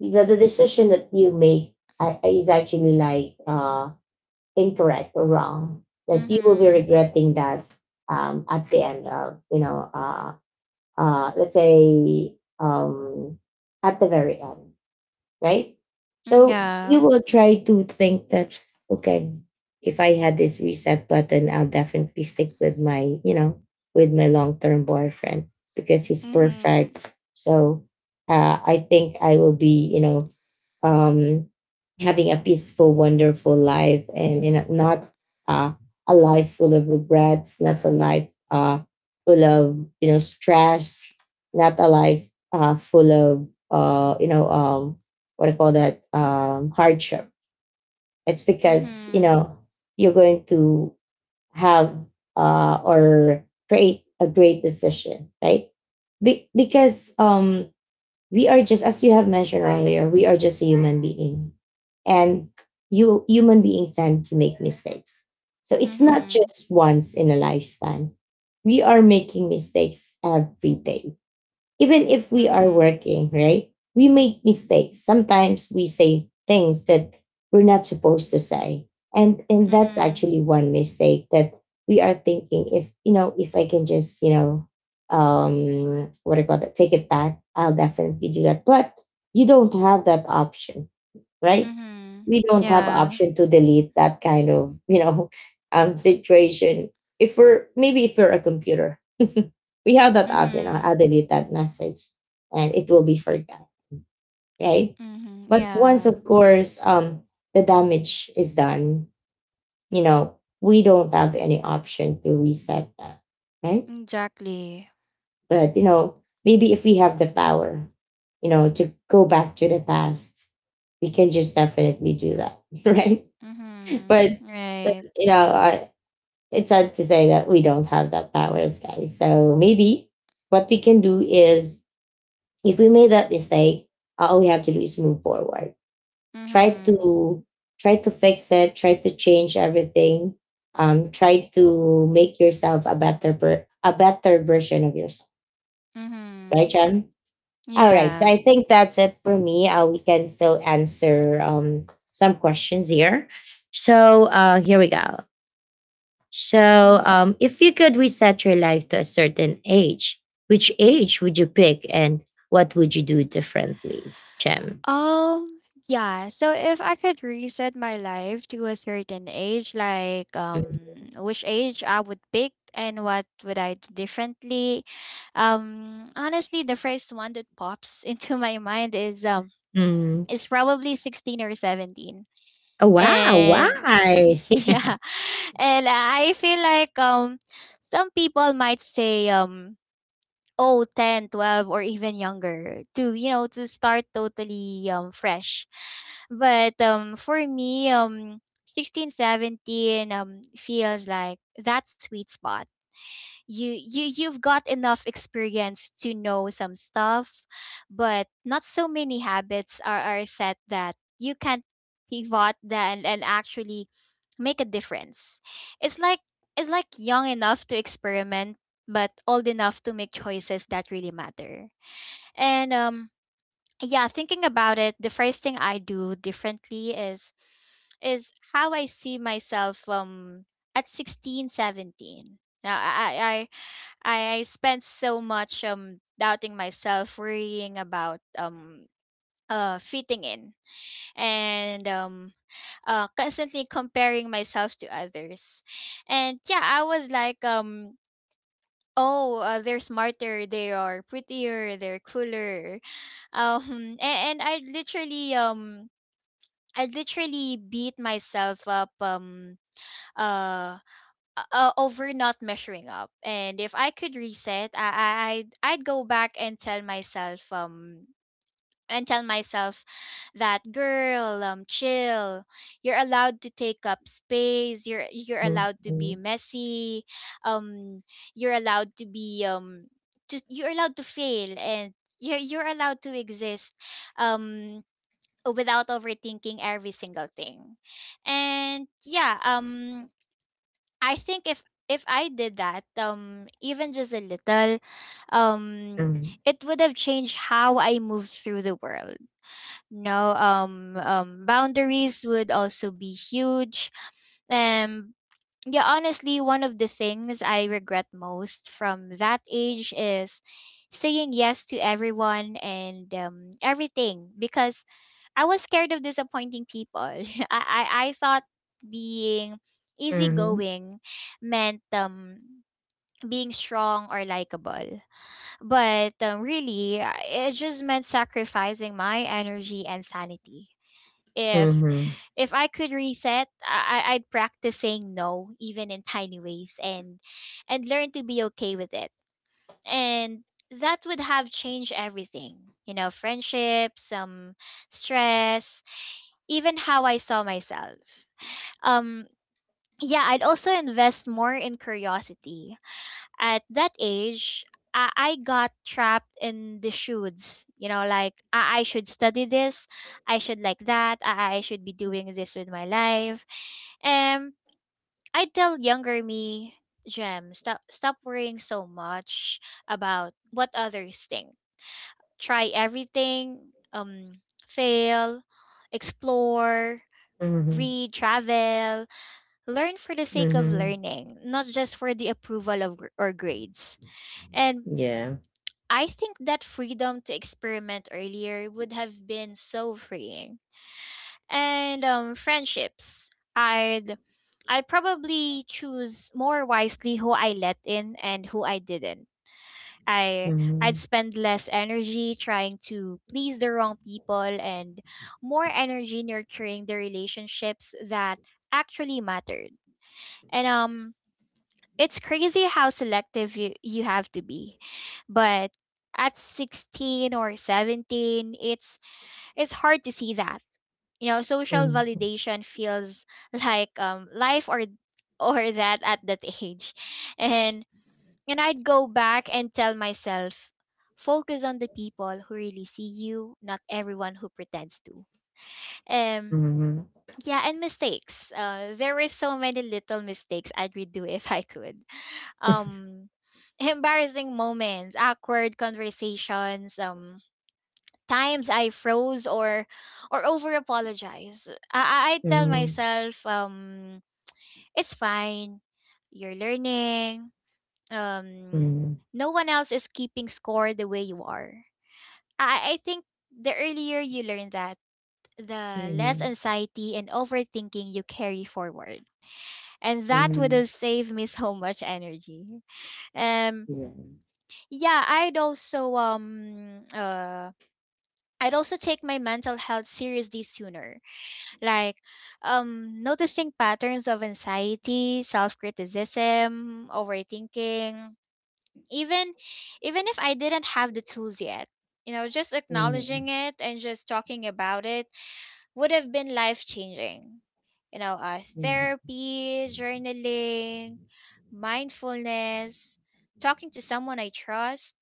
Speaker 1: the decision that you make is actually like incorrect or wrong. That you will be
Speaker 2: Mhm.
Speaker 1: regretting that at the end of, let's say um, at the very end, right?
Speaker 2: Mm,
Speaker 1: So you
Speaker 2: yeah.
Speaker 1: will try to think that, okay, if I had this reset button, I'll definitely stick with my, you know, with my long term boyfriend, because he's perfect.
Speaker 2: Mhm.
Speaker 1: So I think I will be, you know, um, having a peaceful, wonderful life, and, you know, not uh, a life full of regrets, not a life full of, you know, stress, not a life full of, what do you call that, hardship. It's because you
Speaker 2: Mhm.
Speaker 1: know you're going to have, or create a great decision, right? Be- because We are just, as you have mentioned earlier, we are just a human being, and you human beings tend to make mistakes. So it's not
Speaker 2: Mhm.
Speaker 1: just once in a lifetime. We are making mistakes every day, even if we are
Speaker 2: Mhm.
Speaker 1: working, right? We make mistakes. Sometimes we say things that we're not supposed to say. And that's
Speaker 2: Mhm.
Speaker 1: actually one mistake that we are thinking, if you know, if I can just, you know, what do you call that, take it back, I'll definitely do that. But you don't have that option, right?
Speaker 2: Mhm.
Speaker 1: We don't have
Speaker 2: Yeah.
Speaker 1: option to delete that kind of, you know, situation. If we're, maybe if we're a computer, we have that option. I'll
Speaker 2: Mhm.
Speaker 1: delete that message and it will be forgotten, right?
Speaker 2: Mhm.
Speaker 1: But once, of
Speaker 2: Yeah.
Speaker 1: course, the damage is done, you know, we don't have any option to reset that, right?
Speaker 2: Exactly.
Speaker 1: But, you know, maybe if we have the power, you know, to go back to the past, we can just definitely do that, right?
Speaker 2: Mhm.
Speaker 1: But, but
Speaker 2: Right.
Speaker 1: you know, it's sad to say that we don't have that powers, guys. So maybe what we can do is, if we made that mistake, all we have to do is move forward, try
Speaker 2: Mhm.
Speaker 1: to try to fix it, try to change everything, try to make yourself a better version of yourself, right,
Speaker 2: Mhm.
Speaker 1: john? All right, so
Speaker 2: Yeah.
Speaker 1: I think that's it for me. We can still answer some questions here, so here we go. So
Speaker 2: Mhm.
Speaker 1: if you could reset your life to a certain age, which age would you pick, and what would you do differently, jem?
Speaker 2: Um, yeah. So if I could reset my life to a certain age, like
Speaker 1: Mm,
Speaker 2: which age I would pick and what would I do differently. Honestly, the first one that pops into my mind is um
Speaker 1: mm.
Speaker 2: is probably 16 or 17.
Speaker 1: Oh, wow,
Speaker 2: And
Speaker 1: why?
Speaker 2: yeah, and I feel like some people might say oh, 10, 12, or even younger to you know to start totally fresh. But for me 16, 17 feels like that sweet spot. You've got enough experience to know some stuff, but not so many habits are set that you can pivot then and actually make a difference. It's like it's like young enough to experiment but old enough to make choices that really matter. And yeah, thinking about it, the first thing I do differently is how I see myself at 16, 17. Now I spent so much doubting myself, worrying about fitting in and constantly comparing myself to others. And yeah, I was like oh, they're smarter, they are prettier, they're cooler. And I literally beat myself up, uh over not measuring up. And if I could reset, I'd go back and tell myself, and tell myself that girl, chill. You're allowed to take up space, you're
Speaker 1: Mhm,
Speaker 2: allowed to be messy, um you're allowed to be, you're allowed to fail, and you're allowed to exist um without overthinking every single thing. And yeah, I think if I did that, even just a little, um,
Speaker 1: mhm,
Speaker 2: it would have changed how I move through the world. No, boundaries would also be huge. Um, yeah, honestly, one of the things I regret most from that age is saying yes to everyone and everything, because I was scared of disappointing people. I thought being
Speaker 1: mhm,
Speaker 2: easygoing meant being strong or likable. But really, it just meant sacrificing my energy and sanity. If
Speaker 1: mhm,
Speaker 2: if I could reset, I'd practice saying no, even in tiny ways, and learn to be okay with it. And that would have changed everything. You know, friendships, some stress, even how I saw myself. Um, yeah, I'd also invest more in curiosity. At that age, I got trapped in the shoulds. You know, like I should study this, I should like that, I should be doing this with my life. Um, I tell younger me, Gem, stop worrying so much about what others think. Try everything. Fail, explore,
Speaker 1: mhm,
Speaker 2: read, travel, learn for the sake of
Speaker 1: mhm.
Speaker 2: learning, not just for the approval of or grades. And
Speaker 1: Yeah.
Speaker 2: I think that freedom to experiment earlier would have been so freeing. And friendships, I'd I probably choose more wisely who I let in and who I didn't. I I'd
Speaker 1: Mhm,
Speaker 2: spend less energy trying to please the wrong people and more energy nurturing the relationships that actually mattered. And it's crazy how selective you have to be. But at 16 or 17, it's hard to see that. You know, social
Speaker 1: mhm,
Speaker 2: validation feels like life, or that at that age. And and I'd go back and tell myself, focus on the people who really see you, not everyone who pretends to. Um
Speaker 1: mhm, mhm,
Speaker 2: yeah, and mistakes. There were so many little mistakes I'd redo if I could, um embarrassing moments, awkward conversations, times I froze or over apologize. I tell
Speaker 1: mhm,
Speaker 2: myself, it's fine. You're learning. Um
Speaker 1: mhm,
Speaker 2: no one else is keeping score the way you are. I think the earlier you learn that, the less anxiety and overthinking you carry forward. And that would have saved me so much energy. Um yeah, I'd also take my mental health seriously sooner, like, noticing patterns of anxiety, self-criticism, overthinking, even even if I didn't have the tools yet. You know, just acknowledging it and just talking about it would have been life-changing. Therapy, journaling, mindfulness, talking to someone I trust,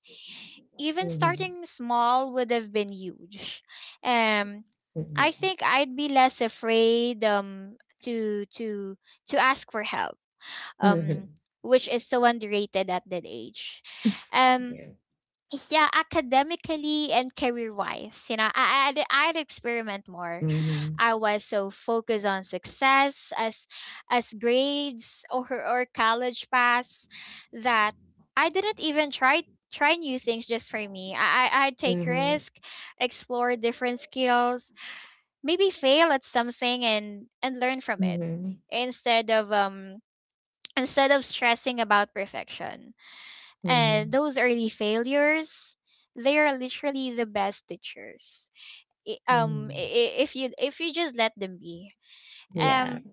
Speaker 2: even starting small would have been huge. Um, I
Speaker 1: mhm.
Speaker 2: think I'd be less afraid, to to to ask for help. Um, which is so underrated at that age. Um,
Speaker 1: Yeah.
Speaker 2: yeah, academically and career wise, you know, I'd experiment more.
Speaker 1: Mhm,
Speaker 2: I was so focused on success as grades or college pass that I didn't even try new things just for me. I'd take
Speaker 1: mhm,
Speaker 2: risk, explore different skills, maybe fail at something and learn from it
Speaker 1: mhm,
Speaker 2: instead of stressing about perfection. And
Speaker 1: mhm,
Speaker 2: those early failures, they are literally the best teachers, i- um i-
Speaker 1: mhm.
Speaker 2: i- if you if you just let them be.
Speaker 1: Yeah. Mhm, mhm, mhm, mhm, mhm.
Speaker 2: um
Speaker 1: Yeah.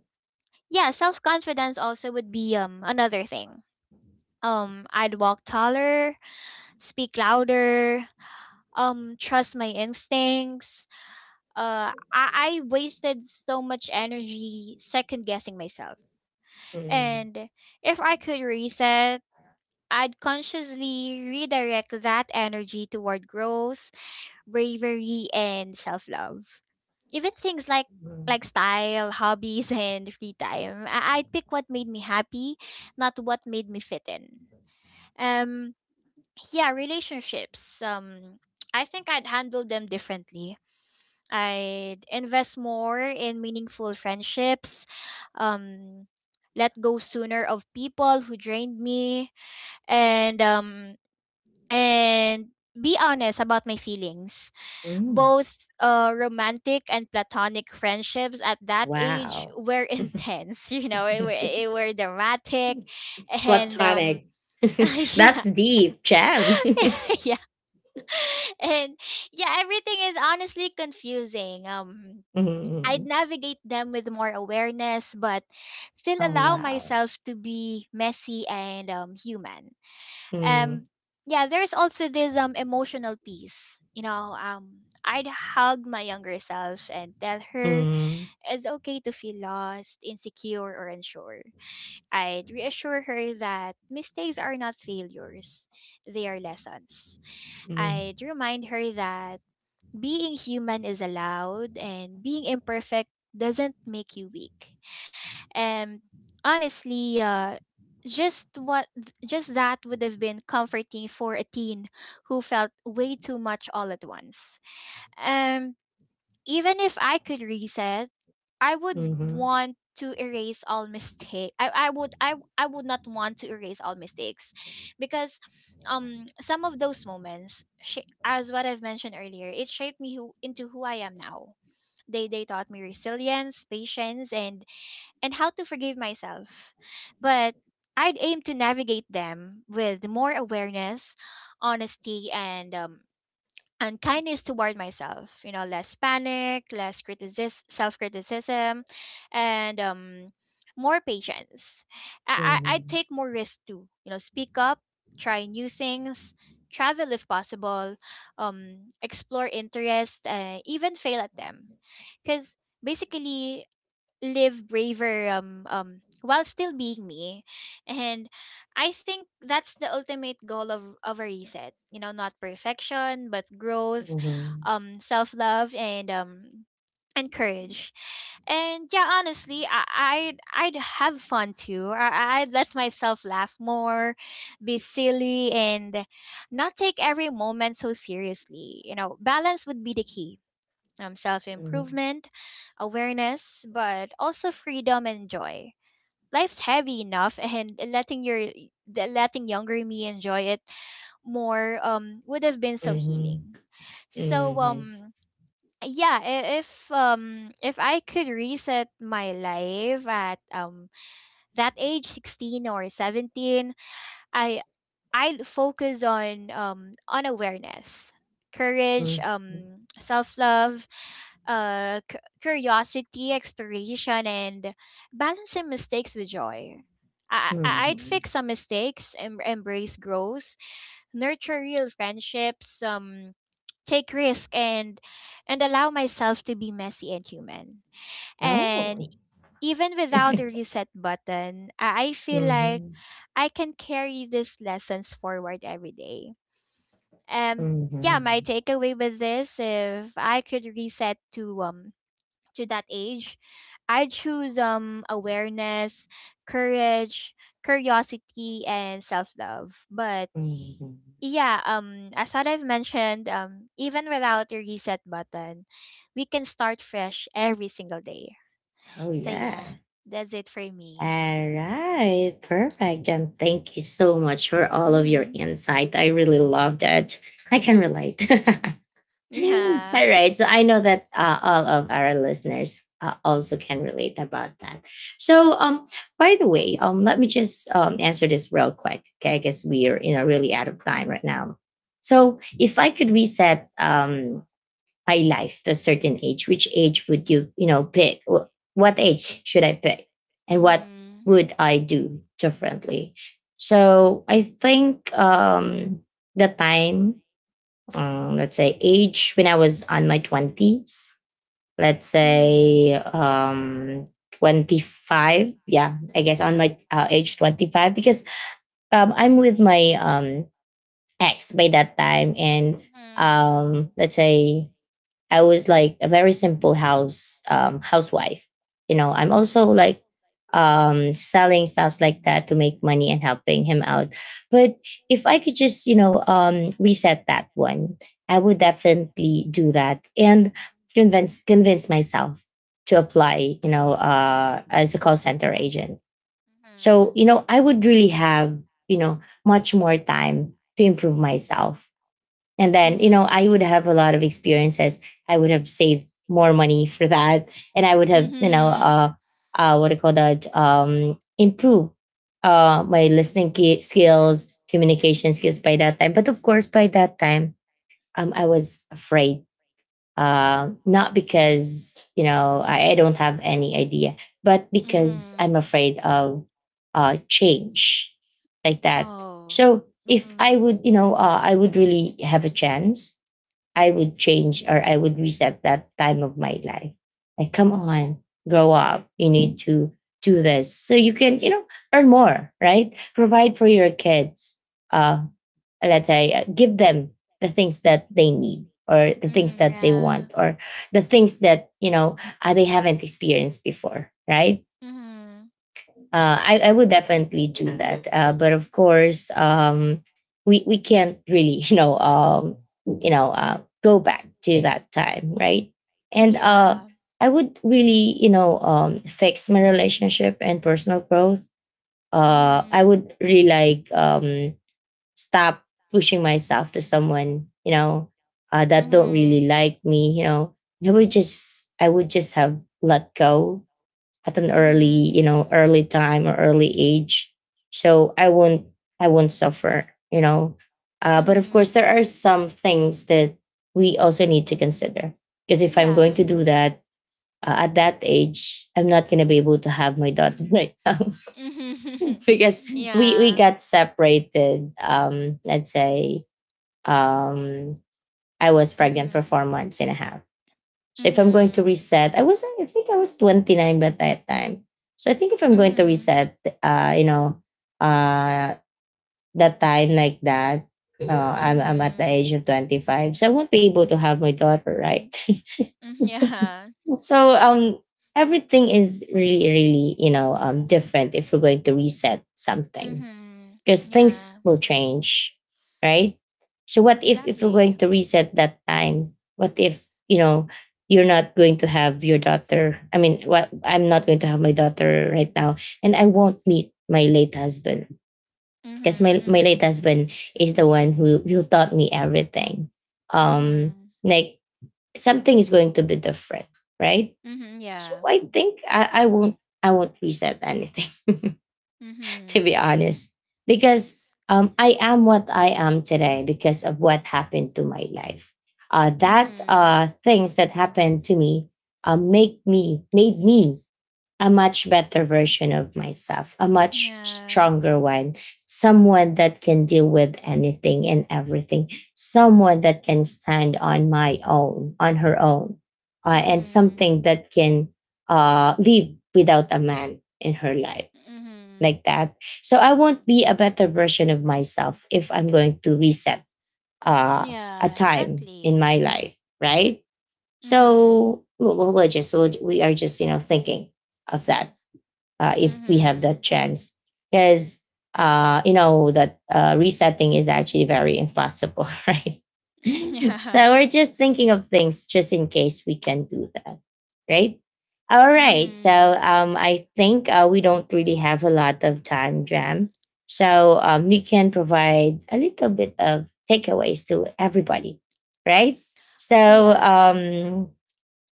Speaker 2: yeah, self-confidence also would be another thing. I'd walk taller, speak louder, trust my instincts. Uh I, I wasted so much energy second guessing myself.
Speaker 1: Mhm,
Speaker 2: And if I could reset, I'd consciously redirect that energy toward growth, bravery, and self-love. Even things like
Speaker 1: mhm,
Speaker 2: style, hobbies, and free time. I'd pick what made me happy, not what made me fit in. Um, yeah, relationships. I think I'd handle them differently. I'd invest more in meaningful friendships. Um, let go sooner of people who drained me, and um, and be honest about my feelings,
Speaker 1: mhm.
Speaker 2: both romantic and platonic. Friendships at that age
Speaker 1: Wow.
Speaker 2: were intense, you know, it, were- it were dramatic. And
Speaker 1: Platonic. That's
Speaker 2: yeah,
Speaker 1: deep, jam.
Speaker 2: yeah, and yeah, everything is honestly confusing. I'd
Speaker 1: Mhm.
Speaker 2: navigate them with more awareness but still
Speaker 1: Oh
Speaker 2: allow
Speaker 1: wow.
Speaker 2: myself to be messy and human.
Speaker 1: Mm,
Speaker 2: um yeah, there's also this emotional piece. I'd hug my younger self and tell her,
Speaker 1: mm,
Speaker 2: it's okay to feel lost, insecure, or unsure. I'd reassure her that mistakes are not failures, they are lessons.
Speaker 1: mm, mhm,
Speaker 2: I'd remind her that being human is allowed, and being imperfect doesn't make you weak. And honestly, just what just that would have been comforting for a teen who felt way too much all at once. Um, even if I could reset, I would
Speaker 1: mhm,
Speaker 2: want to erase all mistake. I would not want to erase all mistakes, because some of those moments as what I've mentioned earlier, it shaped me, who into who I am now. They taught me resilience, patience, and how to forgive myself. But I'd aim to navigate them with more awareness, honesty, and kindness toward myself. You know, less panic, less self criticism, and more patience. I'd
Speaker 1: mhm,
Speaker 2: take more risks too. You know, speak up, try new things, travel if possible, explore interests, even fail at them. Because basically live braver while still being me. And I think that's the ultimate goal of a reset. Not perfection but growth,
Speaker 1: mhm,
Speaker 2: self love and courage. And yeah, honestly, I'd have fun too. I'd let myself laugh more, be silly, and not take every moment so seriously. Balance would be the key. Self improvement, awareness, but also freedom and joy. Life's heavy enough, and letting younger me enjoy it more would have been so
Speaker 1: mhm,
Speaker 2: healing. So yeah, if I could reset my life at that age 16 or 17, I I focus on, on awareness, courage,
Speaker 1: mhm, mhm,
Speaker 2: self love, curiosity, exploration, and balancing mistakes with joy. I'd
Speaker 1: mhm.
Speaker 2: fix some mistakes and embrace growth, nurture real friendships, take risk, and allow myself to be messy and human. And
Speaker 1: Oh.
Speaker 2: even without a reset button, I feel like
Speaker 1: Mhm,
Speaker 2: I can carry these lessons forward every day. Um, yeah, my
Speaker 1: mhm,
Speaker 2: takeaway with this, if I could reset to that age, I choose awareness, courage, curiosity, and self love. But
Speaker 1: mhm.
Speaker 2: yeah, as what I've mentioned, even without a reset button, we can start fresh every single day.
Speaker 1: Oh
Speaker 2: So
Speaker 1: yeah.
Speaker 2: yeah, that's it for me.
Speaker 1: All right. Perfect, Jem. Thank you so much for all of your
Speaker 2: Mhm.
Speaker 1: insight. I really loved it. I can relate. All
Speaker 2: Yeah.
Speaker 1: right. So I know that all of our listeners also can relate about that. So, um, by the way, let me just answer this real quick. Okay, I guess we are really out of time right now. So, if I could reset my life to a certain age, which age would you you know pick? What age should I pick, and what
Speaker 2: Mhm.
Speaker 1: would I do differently? So, I think the time let's say age when I was on my twenties. Let's
Speaker 2: Mhm.
Speaker 1: say 25. Yeah, I guess on my age 25 because I'm with my ex by that time, and
Speaker 2: Mhm.
Speaker 1: let's say I was like a very simple housewife. You know, I'm also like selling stuffs like that to make money and helping him out. But if I could just reset that one, I would definitely do that and convince myself to apply. You know, as a call center agent. So you
Speaker 2: Mhm.
Speaker 1: know, I would really have much more time to improve myself and then, I
Speaker 2: Mhm.
Speaker 1: would have a lot of experiences. I would have saved more money for that. And I would have,
Speaker 2: Mhm.
Speaker 1: what do you call that? Improve my skills, communication skills by that time. But of course, by that time, I was afraid. Not because, you know, I don't have any idea, but because
Speaker 2: Mhm.
Speaker 1: I'm afraid of change like that.
Speaker 2: Oh.
Speaker 1: So if I
Speaker 2: Mhm.
Speaker 1: would, I would really have a chance. I would change or I would reset that time of my life. Like, come on, grow up. You need to do this so you can, you know, earn more, right? Provide for your kids. Uh, let's say, give them the things that they need or the things
Speaker 2: Mhm.
Speaker 1: that they want or the things that, they haven't experienced before, right?
Speaker 2: Mhm.
Speaker 1: I would definitely do that. But of course, we can't really, go back to that time, right? And
Speaker 2: Yeah.
Speaker 1: I would really, fix my relationship and personal growth. I
Speaker 2: Mhm.
Speaker 1: would really like stop pushing myself to someone, you know, that don't
Speaker 2: Mhm.
Speaker 1: really like me. You know, I would just have let go at an
Speaker 2: Mhm.
Speaker 1: early early time or early age so I won't suffer, you know. But of course there
Speaker 2: Mhm.
Speaker 1: are some things that we also need to consider because if I'm going
Speaker 2: Yeah.
Speaker 1: to do that at that age, I'm not going to be able to have my daughter right now
Speaker 2: Mhm.
Speaker 1: because we
Speaker 2: yeah.
Speaker 1: got separated, let's say, um I was pregnant for four
Speaker 2: Mhm.
Speaker 1: months and a half. So if I'm going to
Speaker 2: Mhm.
Speaker 1: reset, I think I was 29 by that time. So I think if I'm going to
Speaker 2: Mhm.
Speaker 1: reset, uh, you know, uh, that time like that, I'm at the
Speaker 2: Mhm.
Speaker 1: age of 25, so I won't be able to have my daughter, right?
Speaker 2: Mm,
Speaker 1: so
Speaker 2: yeah.
Speaker 1: so everything is really really different if we're going to reset something
Speaker 2: Mhm.
Speaker 1: because things
Speaker 2: Yeah.
Speaker 1: will change, right? So what if we're
Speaker 2: Exactly.
Speaker 1: going to reset that time? What if you know you're not going to have your daughter? I mean, what I'm not going to have my daughter right now, and I won't meet my late husband because
Speaker 2: Mhm.
Speaker 1: my late
Speaker 2: Mhm.
Speaker 1: husband is the one who taught me everything. Um,
Speaker 2: Mhm.
Speaker 1: like, something is going to be different, right?
Speaker 2: Mhm.
Speaker 1: So
Speaker 2: Yeah.
Speaker 1: I think I won't reset anything. To be
Speaker 2: Mhm.
Speaker 1: honest, because I am what I am today because of what happened to my life. That
Speaker 2: Mhm.
Speaker 1: things that happened to me make me made me a much better version of myself, a much
Speaker 2: Yeah.
Speaker 1: stronger one, someone that can deal with anything and everything, someone that can stand on my own, on her own, and
Speaker 2: Mhm.
Speaker 1: something that can live without a man in her life
Speaker 2: Mhm.
Speaker 1: like that. So I won't be a better version of myself if I'm going to reset uh, a
Speaker 2: Yeah,
Speaker 1: time in
Speaker 2: exactly.
Speaker 1: my life, right?
Speaker 2: Mhm.
Speaker 1: So we are just thinking of that, if we have
Speaker 2: Mhm.
Speaker 1: that chance because you know that resetting is actually very impossible. Right,
Speaker 2: Yeah.
Speaker 1: so we're just thinking of things just in case we can do that, right? All right, so
Speaker 2: Mhm.
Speaker 1: I think we don't really have a lot of time, Jam. So we can provide a little bit of takeaways to everybody, right? So
Speaker 2: Yeah.
Speaker 1: um,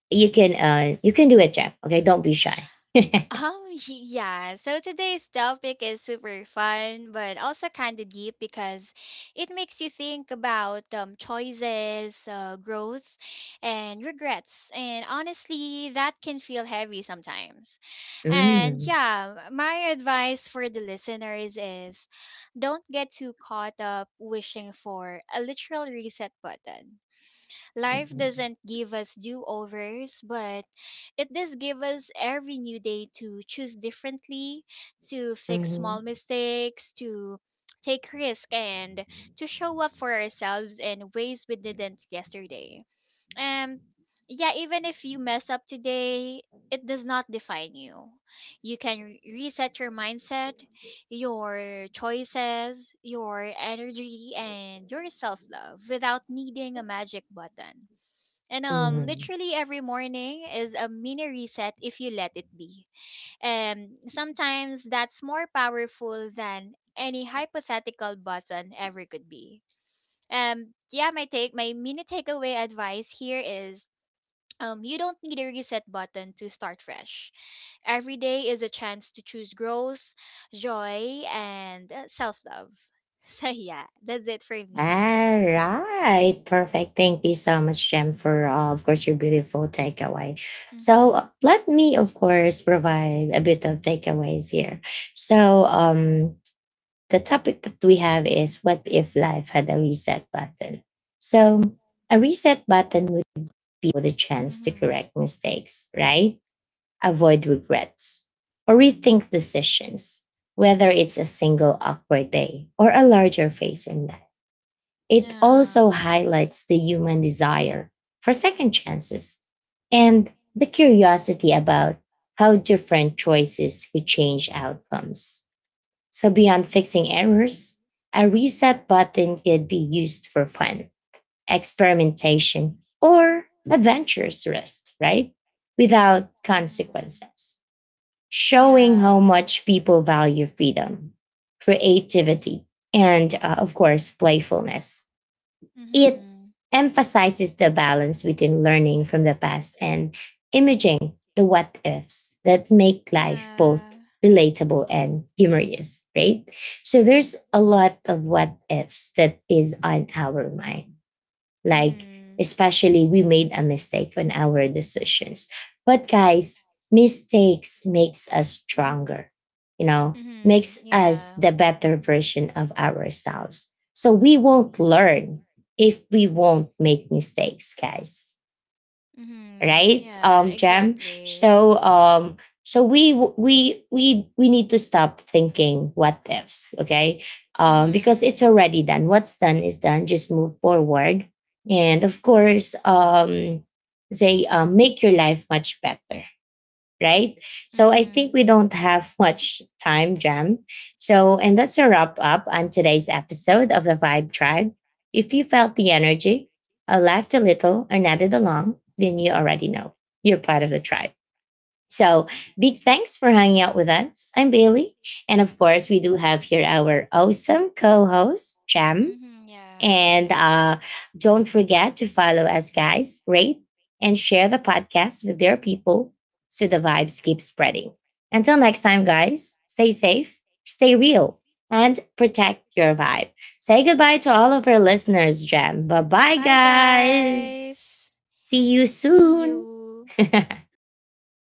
Speaker 1: you can do it, Jam. Okay, don't be shy.
Speaker 2: Um, yeah. So today's topic is super fun, but also kind of deep because it makes you think about choices, growth, and regrets. And honestly, that can feel heavy sometimes. And
Speaker 1: Mm.
Speaker 2: yeah, my advice for the listeners is, don't get too caught up wishing for a literal reset button. Life
Speaker 1: Mhm,
Speaker 2: doesn't give us do overs, but it does give us every new day to choose differently, to fix
Speaker 1: mhm,
Speaker 2: small mistakes, to take risk, and to show up for ourselves in ways we didn't yesterday. And yeah, even if you mess up today, it does not define you. You can reset your mindset, your choices, your energy, and your self love without needing a magic button. And
Speaker 1: mhm.
Speaker 2: literally every morning is a mini reset if you let it be. And sometimes that's more powerful than any hypothetical button ever could be. Yeah, my mini takeaway advice here is, you don't need a reset button to start fresh. Every day is a chance to choose growth, joy, and self love. So yeah, that's it for
Speaker 1: All
Speaker 2: me.
Speaker 1: right, perfect. Thank you so much, Jem, for of course your beautiful takeaway. So
Speaker 2: Mm-hmm.
Speaker 1: let me, of course, provide a bit of takeaways here. So the topic that we have is, what if life had a reset button? So a reset button would be the chance to
Speaker 2: Mm-hmm.
Speaker 1: correct mistakes, right? Avoid regrets, or rethink decisions, whether it's a single awkward day or a larger phase in life. It
Speaker 2: Yeah.
Speaker 1: also highlights the human desire for second chances and the curiosity about how different choices could change outcomes. So, beyond fixing errors, a reset button could be used for fun, experimentation, or adventurous rest, right? Without consequences, showing how
Speaker 2: Yeah.
Speaker 1: much people value freedom, creativity, and of course, playfulness. It
Speaker 2: Mhm.
Speaker 1: emphasizes the balance between learning from the past and imaging the what ifs that make life both relatable and humorous, right? So there's a lot of what ifs that is on our mind, like,
Speaker 2: Mhm.
Speaker 1: especially we made a mistake on our decisions. But guys, mistakes makes us stronger, you know,
Speaker 2: Mhm.
Speaker 1: makes us
Speaker 2: Yeah.
Speaker 1: the better version of ourselves. So we won't learn if we won't make mistakes, guys,
Speaker 2: Mhm.
Speaker 1: right?
Speaker 2: Yeah,
Speaker 1: Jem,
Speaker 2: exactly.
Speaker 1: so so we need to stop thinking what ifs, okay? Because it's
Speaker 2: Mhm.
Speaker 1: already done. What's done is done, just move forward. And of course, say make your life much better, right? So I think
Speaker 2: Mhm.
Speaker 1: we don't have much time, Jam. So, and that's a wrap up on today's episode of the Vibe Tribe. If you felt the energy, or laughed a little, or nodded along, then you already know you're part of the tribe. So, big thanks for hanging out with us. I'm Bailey. And of course, we do have here our awesome co host, Jam.
Speaker 2: Mhm.
Speaker 1: And don't forget to follow us, guys, rate and share the podcast with their people so the vibes keep spreading. Until next time, guys, stay safe, stay real, and protect your vibe. Say goodbye to all of our listeners, Jam. Bye bye,
Speaker 2: Bye guys.
Speaker 1: guys. See you
Speaker 2: See
Speaker 1: soon.
Speaker 2: you.